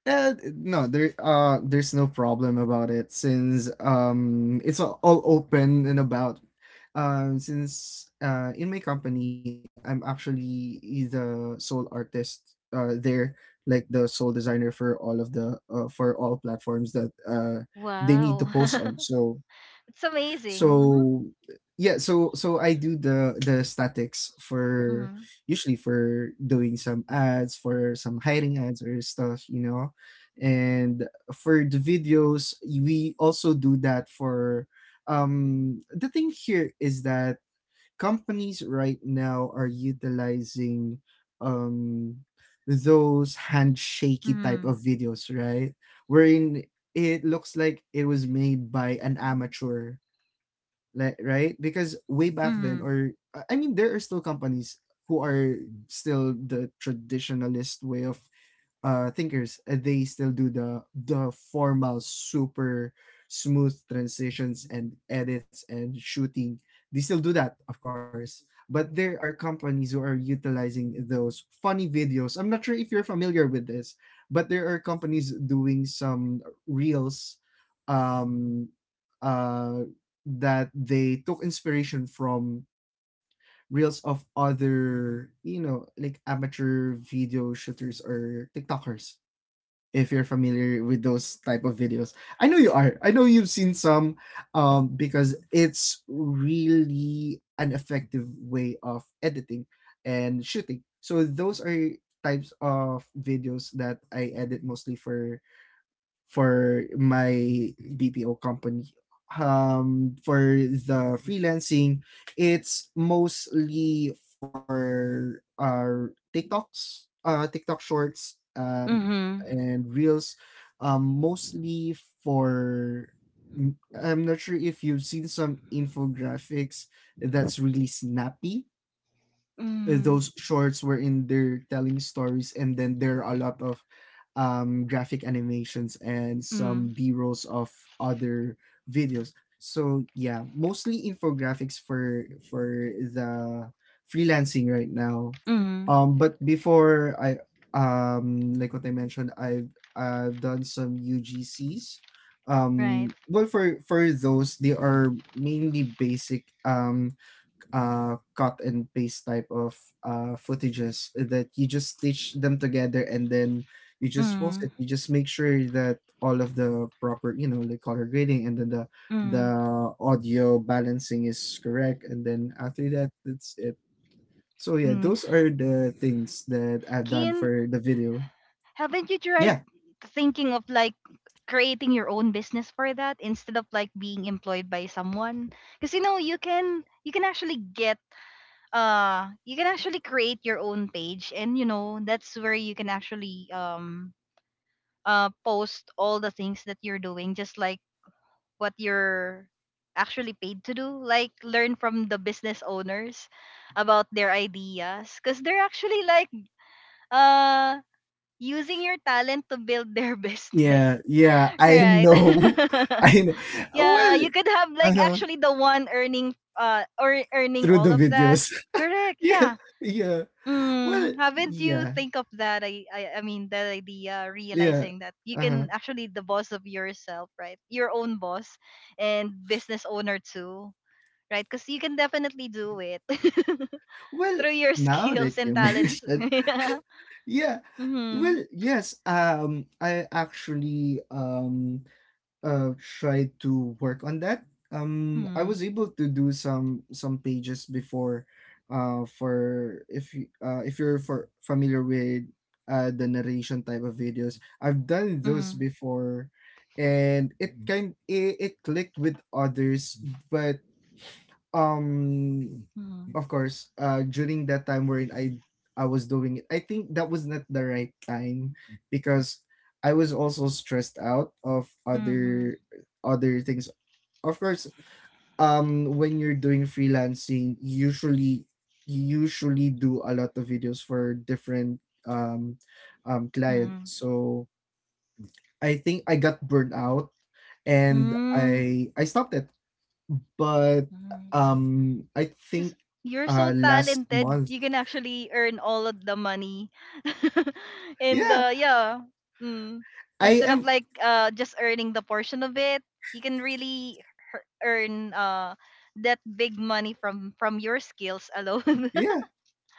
Uh, no, there's no problem about it since it's all open and about. Since in my company I'm actually the sole artist there like the sole designer for all of the for all platforms that they need to
Wow.
post on.
[laughs]
So
It's amazing. Mm-hmm.
So yeah, so I do the statics for usually for doing some ads for some hiring ads or stuff, you know. And for the videos, we also do that for the thing here is that companies right now are utilizing um those handshaky type
Mm-hmm.
of videos, right? Wherein it looks like it was made by an amateur, like, right? Because way back then,
Mm-hmm.
or I mean there are still companies who are still the traditionalist way of thinkers. They still do the formal super smooth transitions and edits and shooting. They still do that, of course, but there are companies who are utilizing those funny videos. I'm not sure if you're familiar with this, but there are companies doing some reels um uh that they took inspiration from reels of other, you know, like amateur video shooters or TikTokers, if you're familiar with those type of videos. I know you are. I know you've seen some, because it's really an effective way of editing and shooting. So those are types of videos that I edit mostly for my BPO company. For the freelancing, it's mostly for our TikToks, TikTok shorts,
Mm-hmm.
and reels. Mostly for m- I'm not sure if you've seen some infographics that's really snappy,
Mm-hmm.
those shorts wherein they're telling stories and then there are a lot of graphic animations and some
Mm-hmm.
b-rolls of other videos. So yeah, mostly infographics for the freelancing right now.
Mm-hmm.
But before I like what I mentioned, I've done some UGCs.
Right.
Well, for those, they are mainly basic, cut and paste type of footages that you just stitch them together and then you just post
Mm-hmm.
it. You just make sure that all of the proper, you know, like color grading and then the
Mm-hmm.
audio balancing is correct. And then after that, that's it. So yeah, those are the things that I've done
Kin,
for the video.
haven't you
Yeah,
tried thinking of like creating your own business for that instead of like being employed by someone? Because you know you can actually get you can actually create your own page, and you know that's where you can actually post all the things that you're doing, just like what you're actually paid to do. Like learn from the business owners about their ideas, cuz they're actually like uh using your talent to build their [laughs]
yeah,
business,
yeah. I
right?
know, [laughs] I know.
[laughs] Yeah,
Well,
you could have like
uh-huh.
actually the one earning or earning
Through the
all of that.
videos.
Correct,
[laughs] Yeah,
yeah.
yeah. Well,
Mm, haven't you
yeah.
think of that? I mean, that idea,
Yeah.
realizing that you
Uh-huh.
can actually the boss of yourself, right? Your own boss and business owner too, right? Because you can definitely do it [laughs]
Well,
through your
now that
skills and
you [laughs]
talents.
mentioned,
[laughs] Yeah.
yeah. Well,
Mm-hmm.
yes. I actually uh tried to work on that. I was
Mm-hmm.
able to do some pages before, for if you if you're for familiar with the narration type of videos. I've done those before, and it clicked with others, but um
Mm-hmm.
of course during that time wherein I was doing it, I think that was not the right time, because I was also stressed out of
Mm-hmm.
other things. Of course, when you're doing freelancing, usually you usually do a lot of videos for different um clients.
Mm-hmm.
So I think I got burned out, and I stopped it. But
Mm-hmm.
I think
Because you're so
last
talented,
month.
you can actually earn all of the money. [laughs] And
Yeah,
yeah, mm,
I
instead of
am,
like just earning the portion of it, you can really earn that big money from your skills alone.
yeah.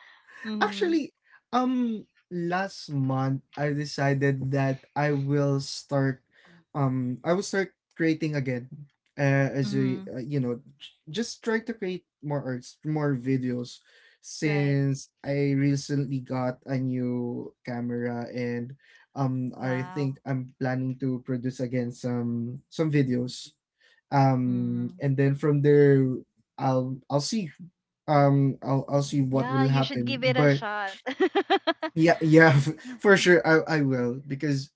[laughs] Mm-hmm.
Actually, um last month I decided that I will start um I will start creating again. As a
Mm-hmm.
you know, just try to create more arts, more videos,
Right.
since I recently got a new camera. And I think
Wow.
I'm planning to produce again some videos,
Mm.
and then from there I'll see, I'll see what
Yeah,
will
you should
happen.
give it a
But
shot. [laughs]
yeah, yeah. [laughs] For sure, I will, because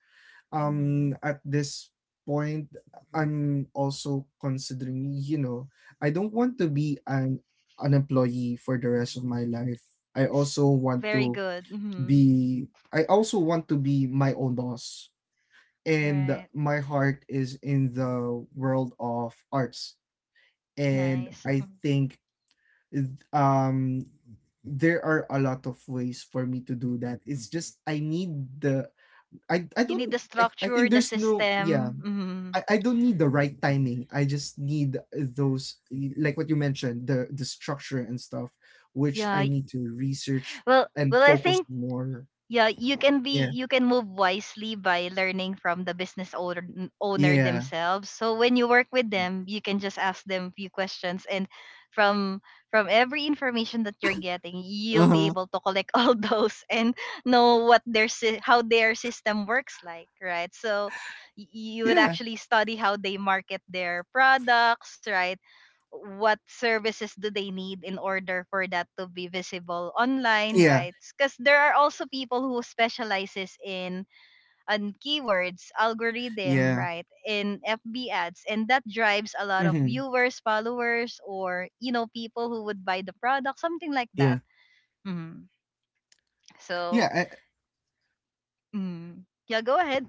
Mhm.
at this point, I'm also considering, you know, I don't want to be an employee for the rest of my life. i
S-
also want
very
to
good. Hmm.
be I also want to be my own boss, and
Right.
my heart is in the world of arts. And
Nice.
I
[laughs]
think um there are a lot of ways for me to do that. It's just I need the I
You
don't
need the
I
structure,
think
the
there's no, yeah,
system. Mm-hmm.
I don't need the right timing. I just need those, like what you mentioned, the structure and stuff, which
Yeah.
I need to research
Well,
and
I
focus
think
more.
yeah, you can be
Yeah,
you can move wisely by learning from the business owner owner
yeah,
themselves. So when you work with them, you can just ask them few questions, and from every information that you're getting, you'll be
uh-huh,
able to collect [laughs] all those and know what their how their system works like, right? So you would
yeah,
actually study how they market their products, right? What services do they need in order for that to be visible online,
yeah,
right? Because there are also people who specializes in on keywords algorithm,
yeah,
right? In FB ads, and that drives a lot of
mm-hmm,
viewers, followers, or you know, people who would buy the product, something like
yeah,
that. Mm. So
yeah.
mm. Yeah, go ahead.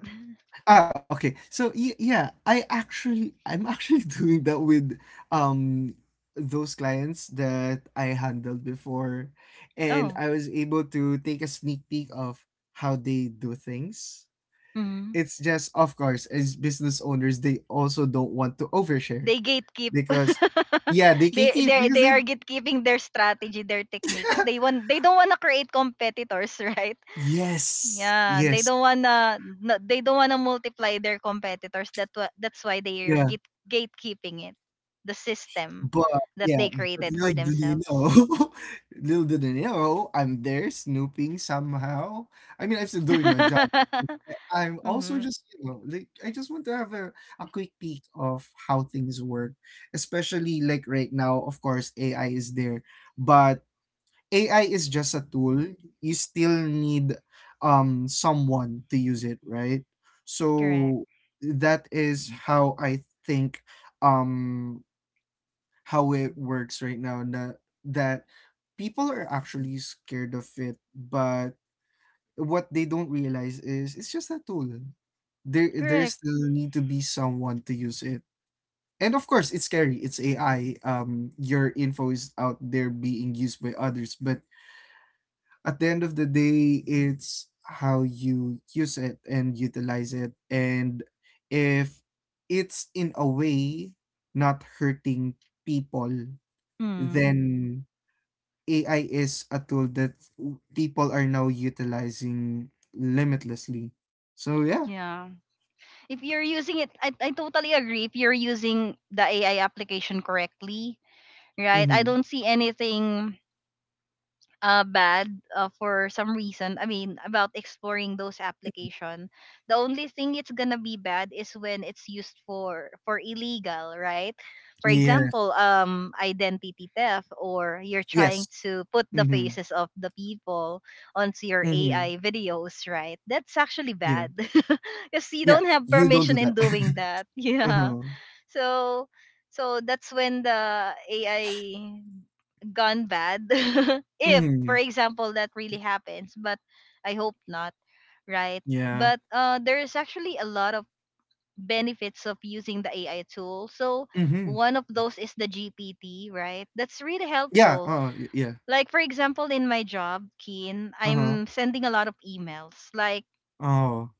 Ah, okay. So yeah, I'm actually [laughs] doing that with um those clients that I handled before,
[laughs]
and
Oh
I was able to take a sneak peek of how they do things.
mm-hmm.
It's just, of course, as business owners, they also don't want to overshare
They gatekeep.
because
[laughs]
yeah, they can keep because
They
they
are gatekeeping their strategy, their technique, because they
[laughs]
want they don't want to create competitors, [laughs] right?
yes.
Yeah,
Yes.
they don't wanna no, they don't wanna multiply their competitors. That's why they are
Yeah.
gatekeeping it, the system
But
that
yeah,
they
but
created
little
for
do they know,
themselves.
[laughs] little do they know, I'm there snooping somehow. I mean, I'm still
[laughs]
doing my job.
Mm-hmm.
I'm also just, you know, like I just want to have a quick peek of how things work, especially like right now, of course, AI is there, but AI is just a tool. You still need someone to use it, right?
Correct.
So that is how I think um how it works right now na, that people are actually scared of it, but what they don't realize is it's just a tool. There
Correct.
still need to be someone to use it. And of course it's scary, it's AI, your info is out there being used by others, but at the end of the day it's how you use it and utilize it. And if it's in a way not hurting people,
Mm.
then AI is a tool that people are now utilizing limitlessly. So yeah.
Yeah. If you're using it, I totally agree. If you're using the AI application correctly, right? I
Mm-hmm.
don't see anything bad for some reason. I mean, about exploring those application. The only thing it's gonna be bad is when it's used for illegal, right? For
Yeah.
example, identity theft, or you're trying
Yes.
to put the
Mm-hmm.
faces of the people onto your
Mm-hmm.
AI videos, right? That's actually
Yeah.
bad, [laughs] because you
Yeah.
don't have
You don't
permission
do
in
that.
doing that. [laughs]
[laughs]
Yeah,
Uh-huh.
so so that's when the AI gone bad. [laughs] If,
Mm-hmm.
for example, that really happens, but I hope not, right?
Yeah.
But there is actually a lot of benefits of using the AI tool. So
Mm-hmm.
one of those is the GPT, right? That's really
Yeah.
helpful.
Oh, yeah.
Like for example, in my job, Keen,
Uh-huh.
I'm sending a lot of emails. Like
Oh.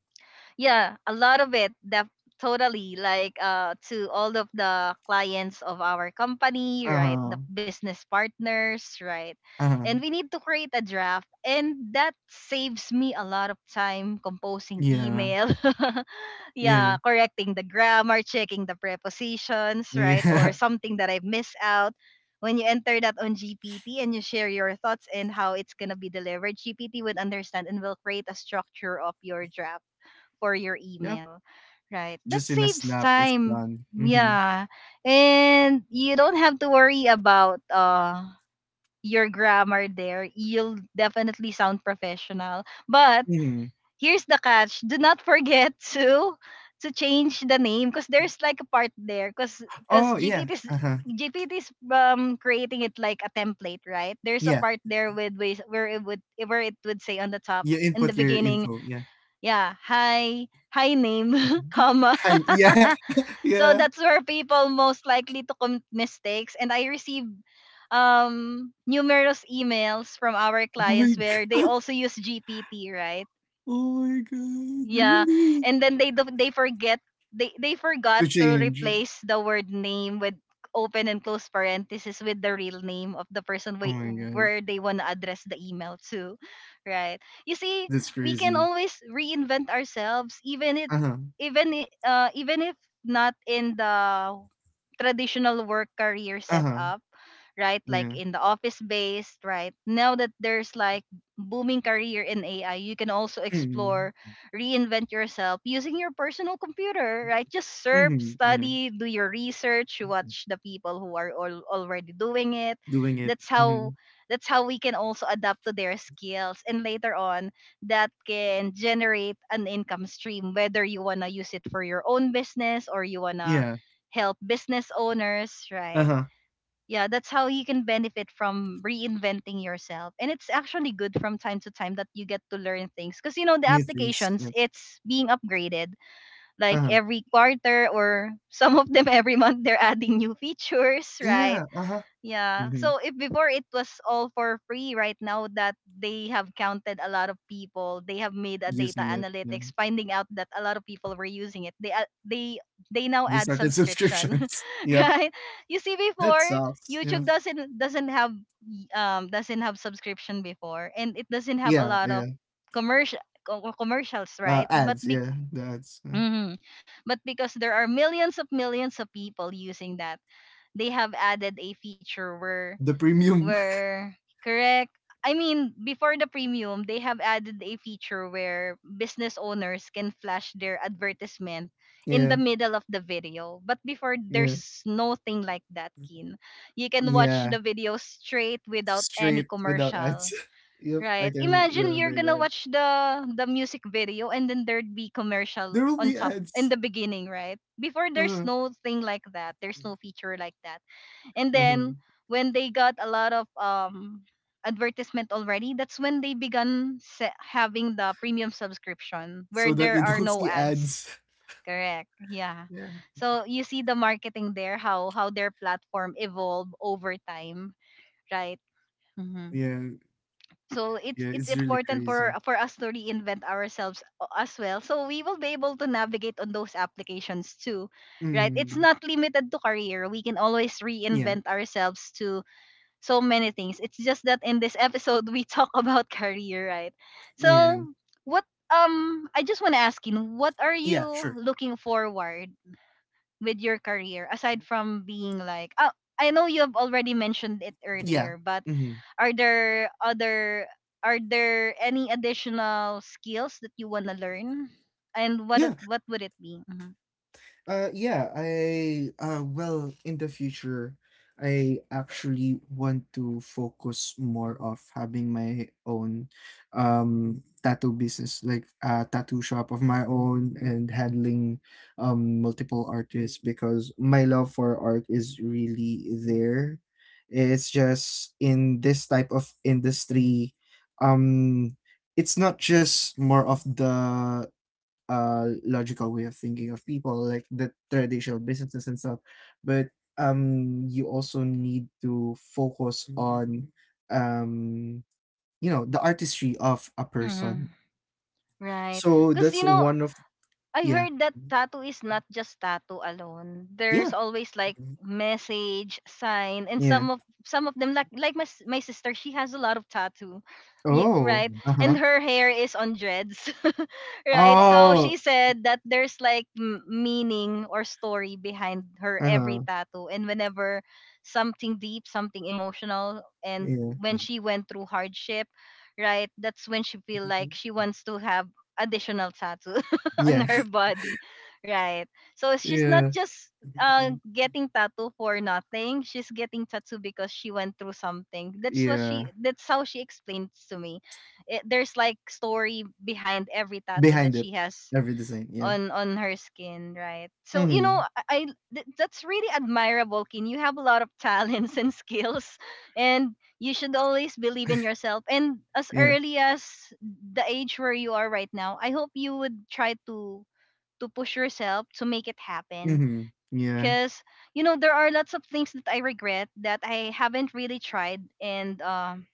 yeah, a lot of it that totally like to all of the clients of our company, right,
Uh-huh.
the business partners, right,
Uh-huh.
and we need to create a draft and that saves me a lot of time composing
Yeah.
email. [laughs]
Yeah.
Yeah, correcting the grammar, checking the prepositions, right, or
Yeah. [laughs]
something that I miss out. When you enter that on GPT and you share your thoughts and how it's gonna be delivered, GPT would understand and will create a structure of your draft for your
Yep.
email, right? That
Just in a
saves
snap, it's
time.
done. Mm-hmm.
Yeah. And you don't have to worry about your grammar there. You'll definitely sound professional. But
Mm-hmm.
here's the catch. Do not forget [laughs] to change the name because there's like a part there because
Oh, yeah.
GPT's
Uh-huh.
GPT's creating it like a template, right? There's a
Yeah.
part there with ways where it would say on the top
You
in the
input your
beginning,
info. Yeah.
yeah, high name, [laughs]
Mhm.
comma.
I yeah,
[laughs]
[laughs]
So
yeah.
that's where people most likely to commit mistakes, and I received numerous emails from our
Oh my
clients
g-
where they also use GPT, right?
oh my god,
Yeah,
really?
and then they forget, they forgot
To
to
change.
replace the word name with open and close parenthesis with the real name of the person
Oh my god,
where they want to address the email to, right? You see,
that's
we can
crazy.
always reinvent ourselves, even
Uh-huh.
even if not in the traditional work career
Uh-huh.
setup, right? Like
Yeah.
in the office based, right? Now that there's like booming career in AI, you can also
Mm-hmm.
explore, reinvent yourself using your personal computer, right? Just surf,
Mm-hmm. Yeah.
study, do your research, watch the people who are all already doing it.
Doing it.
That's
Mm-hmm.
how that's how we can also adapt to their skills, and later on that can generate an income stream whether you want to use it for your own business or you want to
Yeah.
help business owners, right?
Uh-huh.
Yeah, that's how you can benefit from reinventing yourself, and it's actually good from time to time that you get to learn things because you know the
New things.
applications,
Yeah.
it's being upgraded like
Uh-huh.
every quarter or some of them [laughs] every month they're adding new features, right?
Yeah. Uh-huh.
Yeah.
Mm-hmm.
So if before it was all for free, right now that they have counted a lot of people, they have made a data
Using it. Yeah.
analytics, finding out that a lot of people were using it. They they now
They
add
started
subscription,
subscriptions. [laughs]
[laughs]
Yep.
right? You see,
That
before
sucks. Yeah.
YouTube doesn't have doesn't have subscription before, and it doesn't have a
Yeah.
lot of
Yeah.
commercials,
Uh,
right? But
ads,
be-
yeah. The ads. Yeah.
mhm. But because there are millions of people using that, they have added a feature where
The premium. [laughs]
where correct, I mean, before the premium they have added a feature where business owners can flash their advertisement in
Yeah.
the middle of the video. But before
Yeah.
there's nothing like that, kin, you can watch
Yeah.
the video straight without any
Straight without ads.
commercial,
[laughs] Yep, I
right?
can
Imagine you're
remember
gonna
that.
watch the music video and then there'd be commercial
There will
on
be
top in
ads.
the beginning, right? Before there's
Uh-huh.
no thing like that, there's no feature like that. And
Uh-huh.
then when they got a lot of advertisement already, that's when they began having the premium subscription where
So that
there
you
are
don't
no
see ads.
ads.
[laughs]
Correct. Yeah.
Yeah.
So you see the marketing there, how their platform evolve over time, right? Hmm.
Yeah.
So it's
Yeah.
it's
It's really
important for
crazy.
us to reinvent ourselves as well. So we will be able to navigate on those applications too, right? It's
Mm.
not limited to career. We can always
Yeah.
reinvent ourselves to so many things. It's just that in this episode we talk about [laughs] career, right? So
Yeah.
what I just wanna ask you, what are you
Yeah. Sure.
looking forward with your career aside from being like, oh, I know you have already mentioned it
Yeah.
earlier, but
Mm-hmm.
are there other, are there any additional skills that you wanna learn? And
Yeah.
what would it be? Hmm.
Yeah, I well, in the future, I actually want to focus more of having my own tattoo business, like a tattoo shop of my own and handling multiple artists because my love for art is really there. It's just in this type of industry, um, it's not just more of the logical way of thinking of people like the traditional businesses and stuff, but you also need to focus on um you know the artistry of a
Hmm.
person,
Right.
so
Because
that's
you know,
one of.
I
Yeah.
heard that tattoo is not just tattoo alone.
Yeah.
There's always like message, sign, and
Yeah.
some of them like my my sister, she has a lot of tattoo. Ye-
Oh.
right? And
Uh-huh.
her hair is on dreads. [laughs] Right? So
Oh.
she said that there's like meaning or story behind her every
Uh-huh.
tattoo, and whenever something deep, something emotional, and
Yeah.
when she went through hardship, right? That's when she feel like she wants to have additional tattoo. [laughs] [laughs] On
Yeah.
her
[laughs]
body, right? So she's not
Yeah.
just getting tattoo for nothing. She's getting tattoo because she went through something. That's what
Yeah.
she. That's how she explains to me. It, there's like story behind every tattoo that
Behind it,
she has
every design, yeah.
on her skin, right? So you
Mm-hmm.
know, that's really admirable, Kin. You have a lot of talents [laughs] and skills, and you should always believe in yourself. And as
Yeah.
early as the age where you are right now, I hope you would try to push yourself to make it happen
Mm-hmm. Yeah.
because you know there are lots of things that I regret that I haven't really tried, and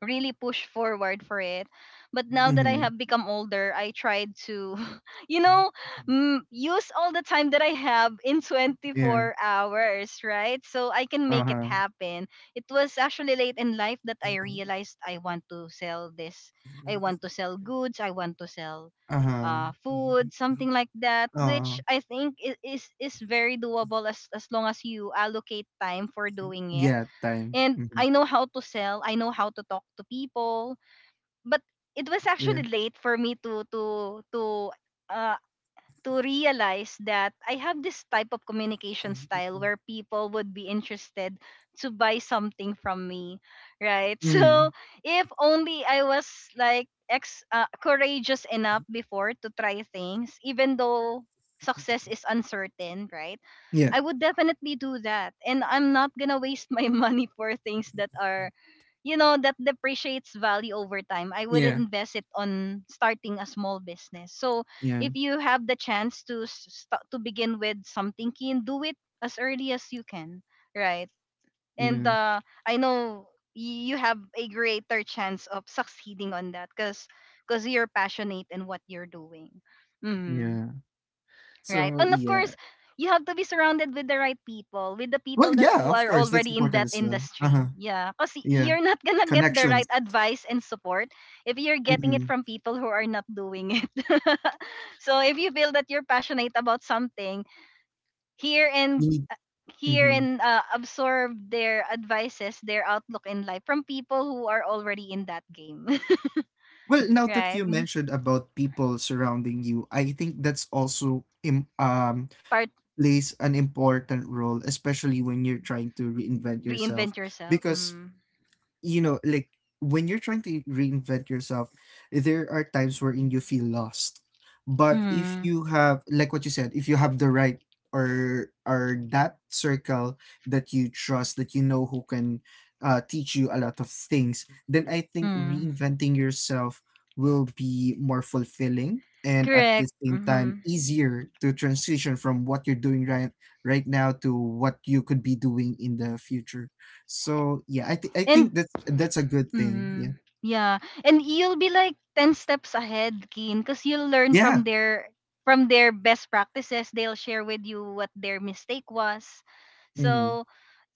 really push forward for it. But now that I
Mm-hmm.
have become older, I tried to, [laughs] you know, use all the time that I have in
Yeah.
24 hours, right? So I can make it
Uh-huh.
happen. It was actually late in life that I realized I want to sell this. I want to sell goods. I want to sell
Uh-huh.
food, something like that,
Uh,
which I think is very doable as long as you allocate time for doing it.
yeah, time.
And
Hmm.
I know how to sell, I know how to talk to people. But it was
Yeah.
actually late for me uh, to realize that I have this type of communication style where people would be interested to buy something from me, right? [laughs] So
Hmm.
if only I was like ex courageous enough before to try things, even though success is uncertain, right?
Yeah.
I would definitely do that, and I'm not gonna waste my [laughs] money for things that are, you know, that depreciates value over time. I would
Yeah.
invest it on starting a small business. So
Yeah.
if you have the chance to begin with something, keen, do it as early as you can, right? And
Yeah.
I know you have a greater chance of succeeding on that because you're passionate in what you're doing. Mm-hmm.
Yeah.
Right?
So,
And of
yeah.
course, you have to be surrounded with the right people, with the
Well,
people that
yeah,
who
of
are
course, that's
already in
important
that
as well. Uh-huh.
industry. Yeah, because
Yeah.
you're not gonna get the right
Connections.
advice and support if you're getting it
Mm-hmm.
from people who are not doing it. [laughs] So if you feel that you're passionate about something, hear
You
and
need.
uh, hear
Mm-hmm.
and absorb their advices, their outlook in life from people who are already in that game. [laughs]
Well, now that
Right?
you
Mm.
mentioned about people surrounding you, I think that's also im
Part,
plays an important role, especially when you're trying to reinvent yourself.
reinvent yourself.
Because
Mm.
you know, like, when you're trying to reinvent yourself, there are times wherein you feel lost. But if
Mm.
you have, like what you said, if you have the right or that circle that you trust, that you know who can teach you a lot of things, then I think
Mm.
reinventing yourself will be more fulfilling and at the
Correct.
same time
Mhm.
easier to transition from what you're doing right now to what you could be doing in the future. So yeah, I
And
think that's a good thing. Yeah.
mm, yeah, and you'll be like 10 steps ahead, Keen, cuz you'll learn
Yeah.
from their, from their best practices. They'll share with you what their mistake was.
Hmm.
So,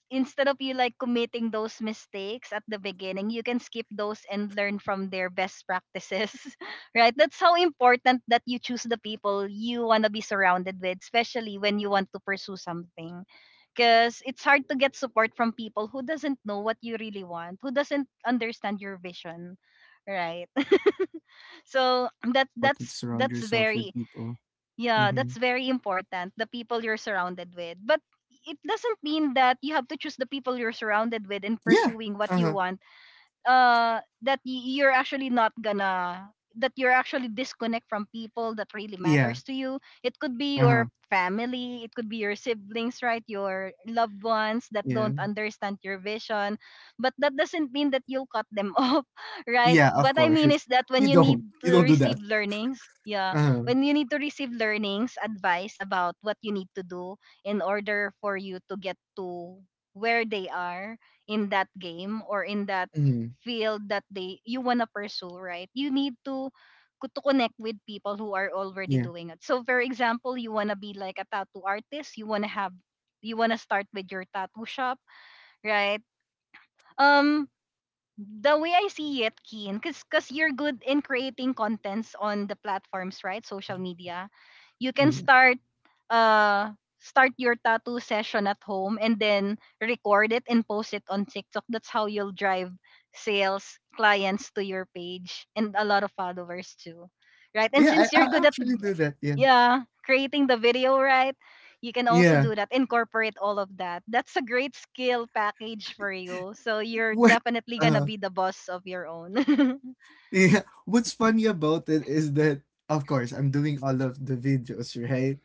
instead of you like committing those mistakes at the beginning, you can skip those and learn from their best practices, [laughs] right? That's how important that you choose the people you want to be surrounded with, especially when you want to pursue something. Because it's hard to get support from people who doesn't know what you really want, who doesn't understand your vision, right? [laughs]
Yeah, that's
So
why it's
that
important to
that's
surround
that's
yourself with
very,
people.
yeah,
Hmm.
that's very important. The people you're surrounded with. But it doesn't mean that you have to choose the people you're surrounded with and
Yeah.
pursuing what you
Uh-huh.
want you're actually not gonna, that you're actually disconnect from people that really
Yeah.
matters to you. It could be
Uh-huh.
your family, it could be your siblings, right, your loved ones that
Yeah.
don't understand your vision. But that doesn't mean that you'll cut them [laughs] off, right?
Yeah, of
What I
course.
mean
It's-
is that when
You
you need
don't. You
to
don't do
receive
that.
learnings, yeah,
Uh-huh.
when you need to receive learnings, advice about what you need to do in order for you to get to where they are in that game or in that
Hmm.
field that they you want to pursue, right? You need to connect with people who are already
Yeah.
doing it. So for example, you want to be like a tattoo artist, you want to have, you want to start with your tattoo shop, right? Um the way I see it, Keen, because you're good in creating contents on the platforms, right? Social media, you
Yeah.
can start uh start your tattoo session at home and then record it and post it on TikTok. That's how you'll drive sales, clients to your page and a lot of followers too. Right? And
Yeah,
since
I,
you're
I
good at,
actually do that. Yeah.
yeah, creating the video, right, you can also
Yeah.
do that, incorporate all of that. That's a great skill package for you, so
[laughs]
you're
What?
definitely gonna
Uh-huh.
be the boss of your own. [laughs]
Yeah, what's funny about it is that, of course, I'm doing all of the videos, right?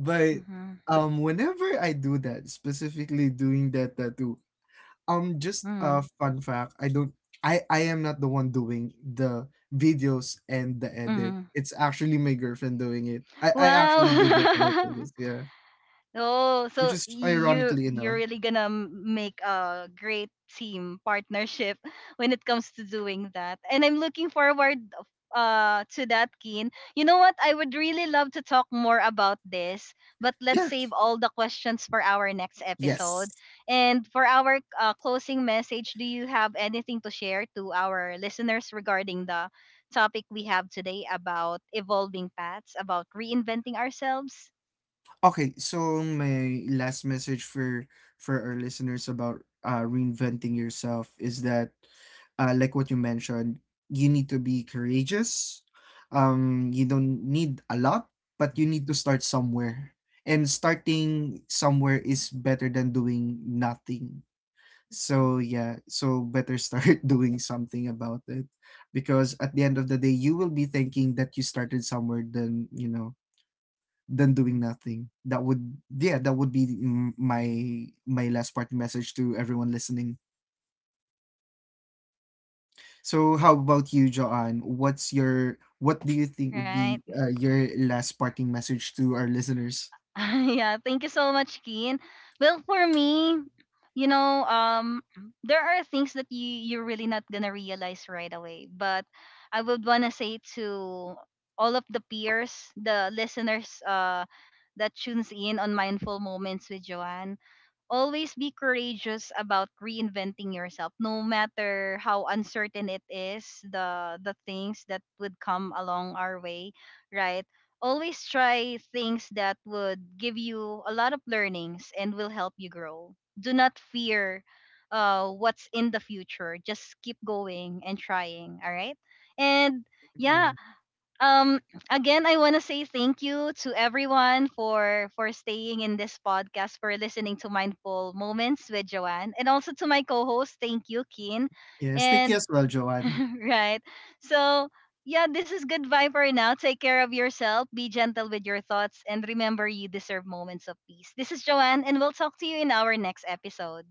But
Mhm.
whenever I do that, specifically doing that tattoo, just a
Mhm.
fun fact, I am not the one doing the videos and the edit.
Mhm.
It's actually my girlfriend doing it. I actually did that to my
Wow.
playlist,
[laughs]
yeah.
Oh,
Which
so
is
you
ironically
you're
enough.
really gonna make a great team partnership [laughs] when it comes to doing that. And I'm looking forward to that, Keen. You know what? I would really love to talk more about this, but let's
Yeah.
save all the questions for our next
Yes.
episode. And for our closing message, do you have anything to share to our listeners regarding the topic we have today about evolving paths, about reinventing ourselves?
Okay, so my last message for our listeners about reinventing yourself is that like what you mentioned, you need to be courageous. You don't need a lot, but you need to start somewhere. And starting somewhere is better than doing nothing. So yeah, so better start [laughs] doing something about it, because at the end of the day you will be thinking that you started somewhere than, you know, than doing nothing. That would yeah, that would be my last parting message to everyone listening. So how about you, Joanne? What's your what do you think would be
Right.
your last parting message to our listeners?
[laughs] Yeah, thank you so much, Keen. Well, for me, you know, there are things that you're really not gonna realize right away. But I would wanna say to all of the peers, the listeners, that tunes in on mindful moments with Joanne, always be courageous about reinventing yourself, no matter how uncertain it is, the things that would come along our way, right? Always try things that would give you a lot of learnings and will help you grow. Do not fear what's in the future. Just keep going and trying, all right? And
Yeah.
yeah, um again I want to say thank you to everyone for staying in this podcast, for listening to mindful moments with Joanne, and also to my co-host, thank you, Keen.
Yes, thank you as
And
well, Joanne.
[laughs] right. So yeah, this is goodbye for now. Take care of yourself, be gentle with your thoughts, and remember you deserve moments of peace. This is Joanne, and we'll talk to you in our next episode.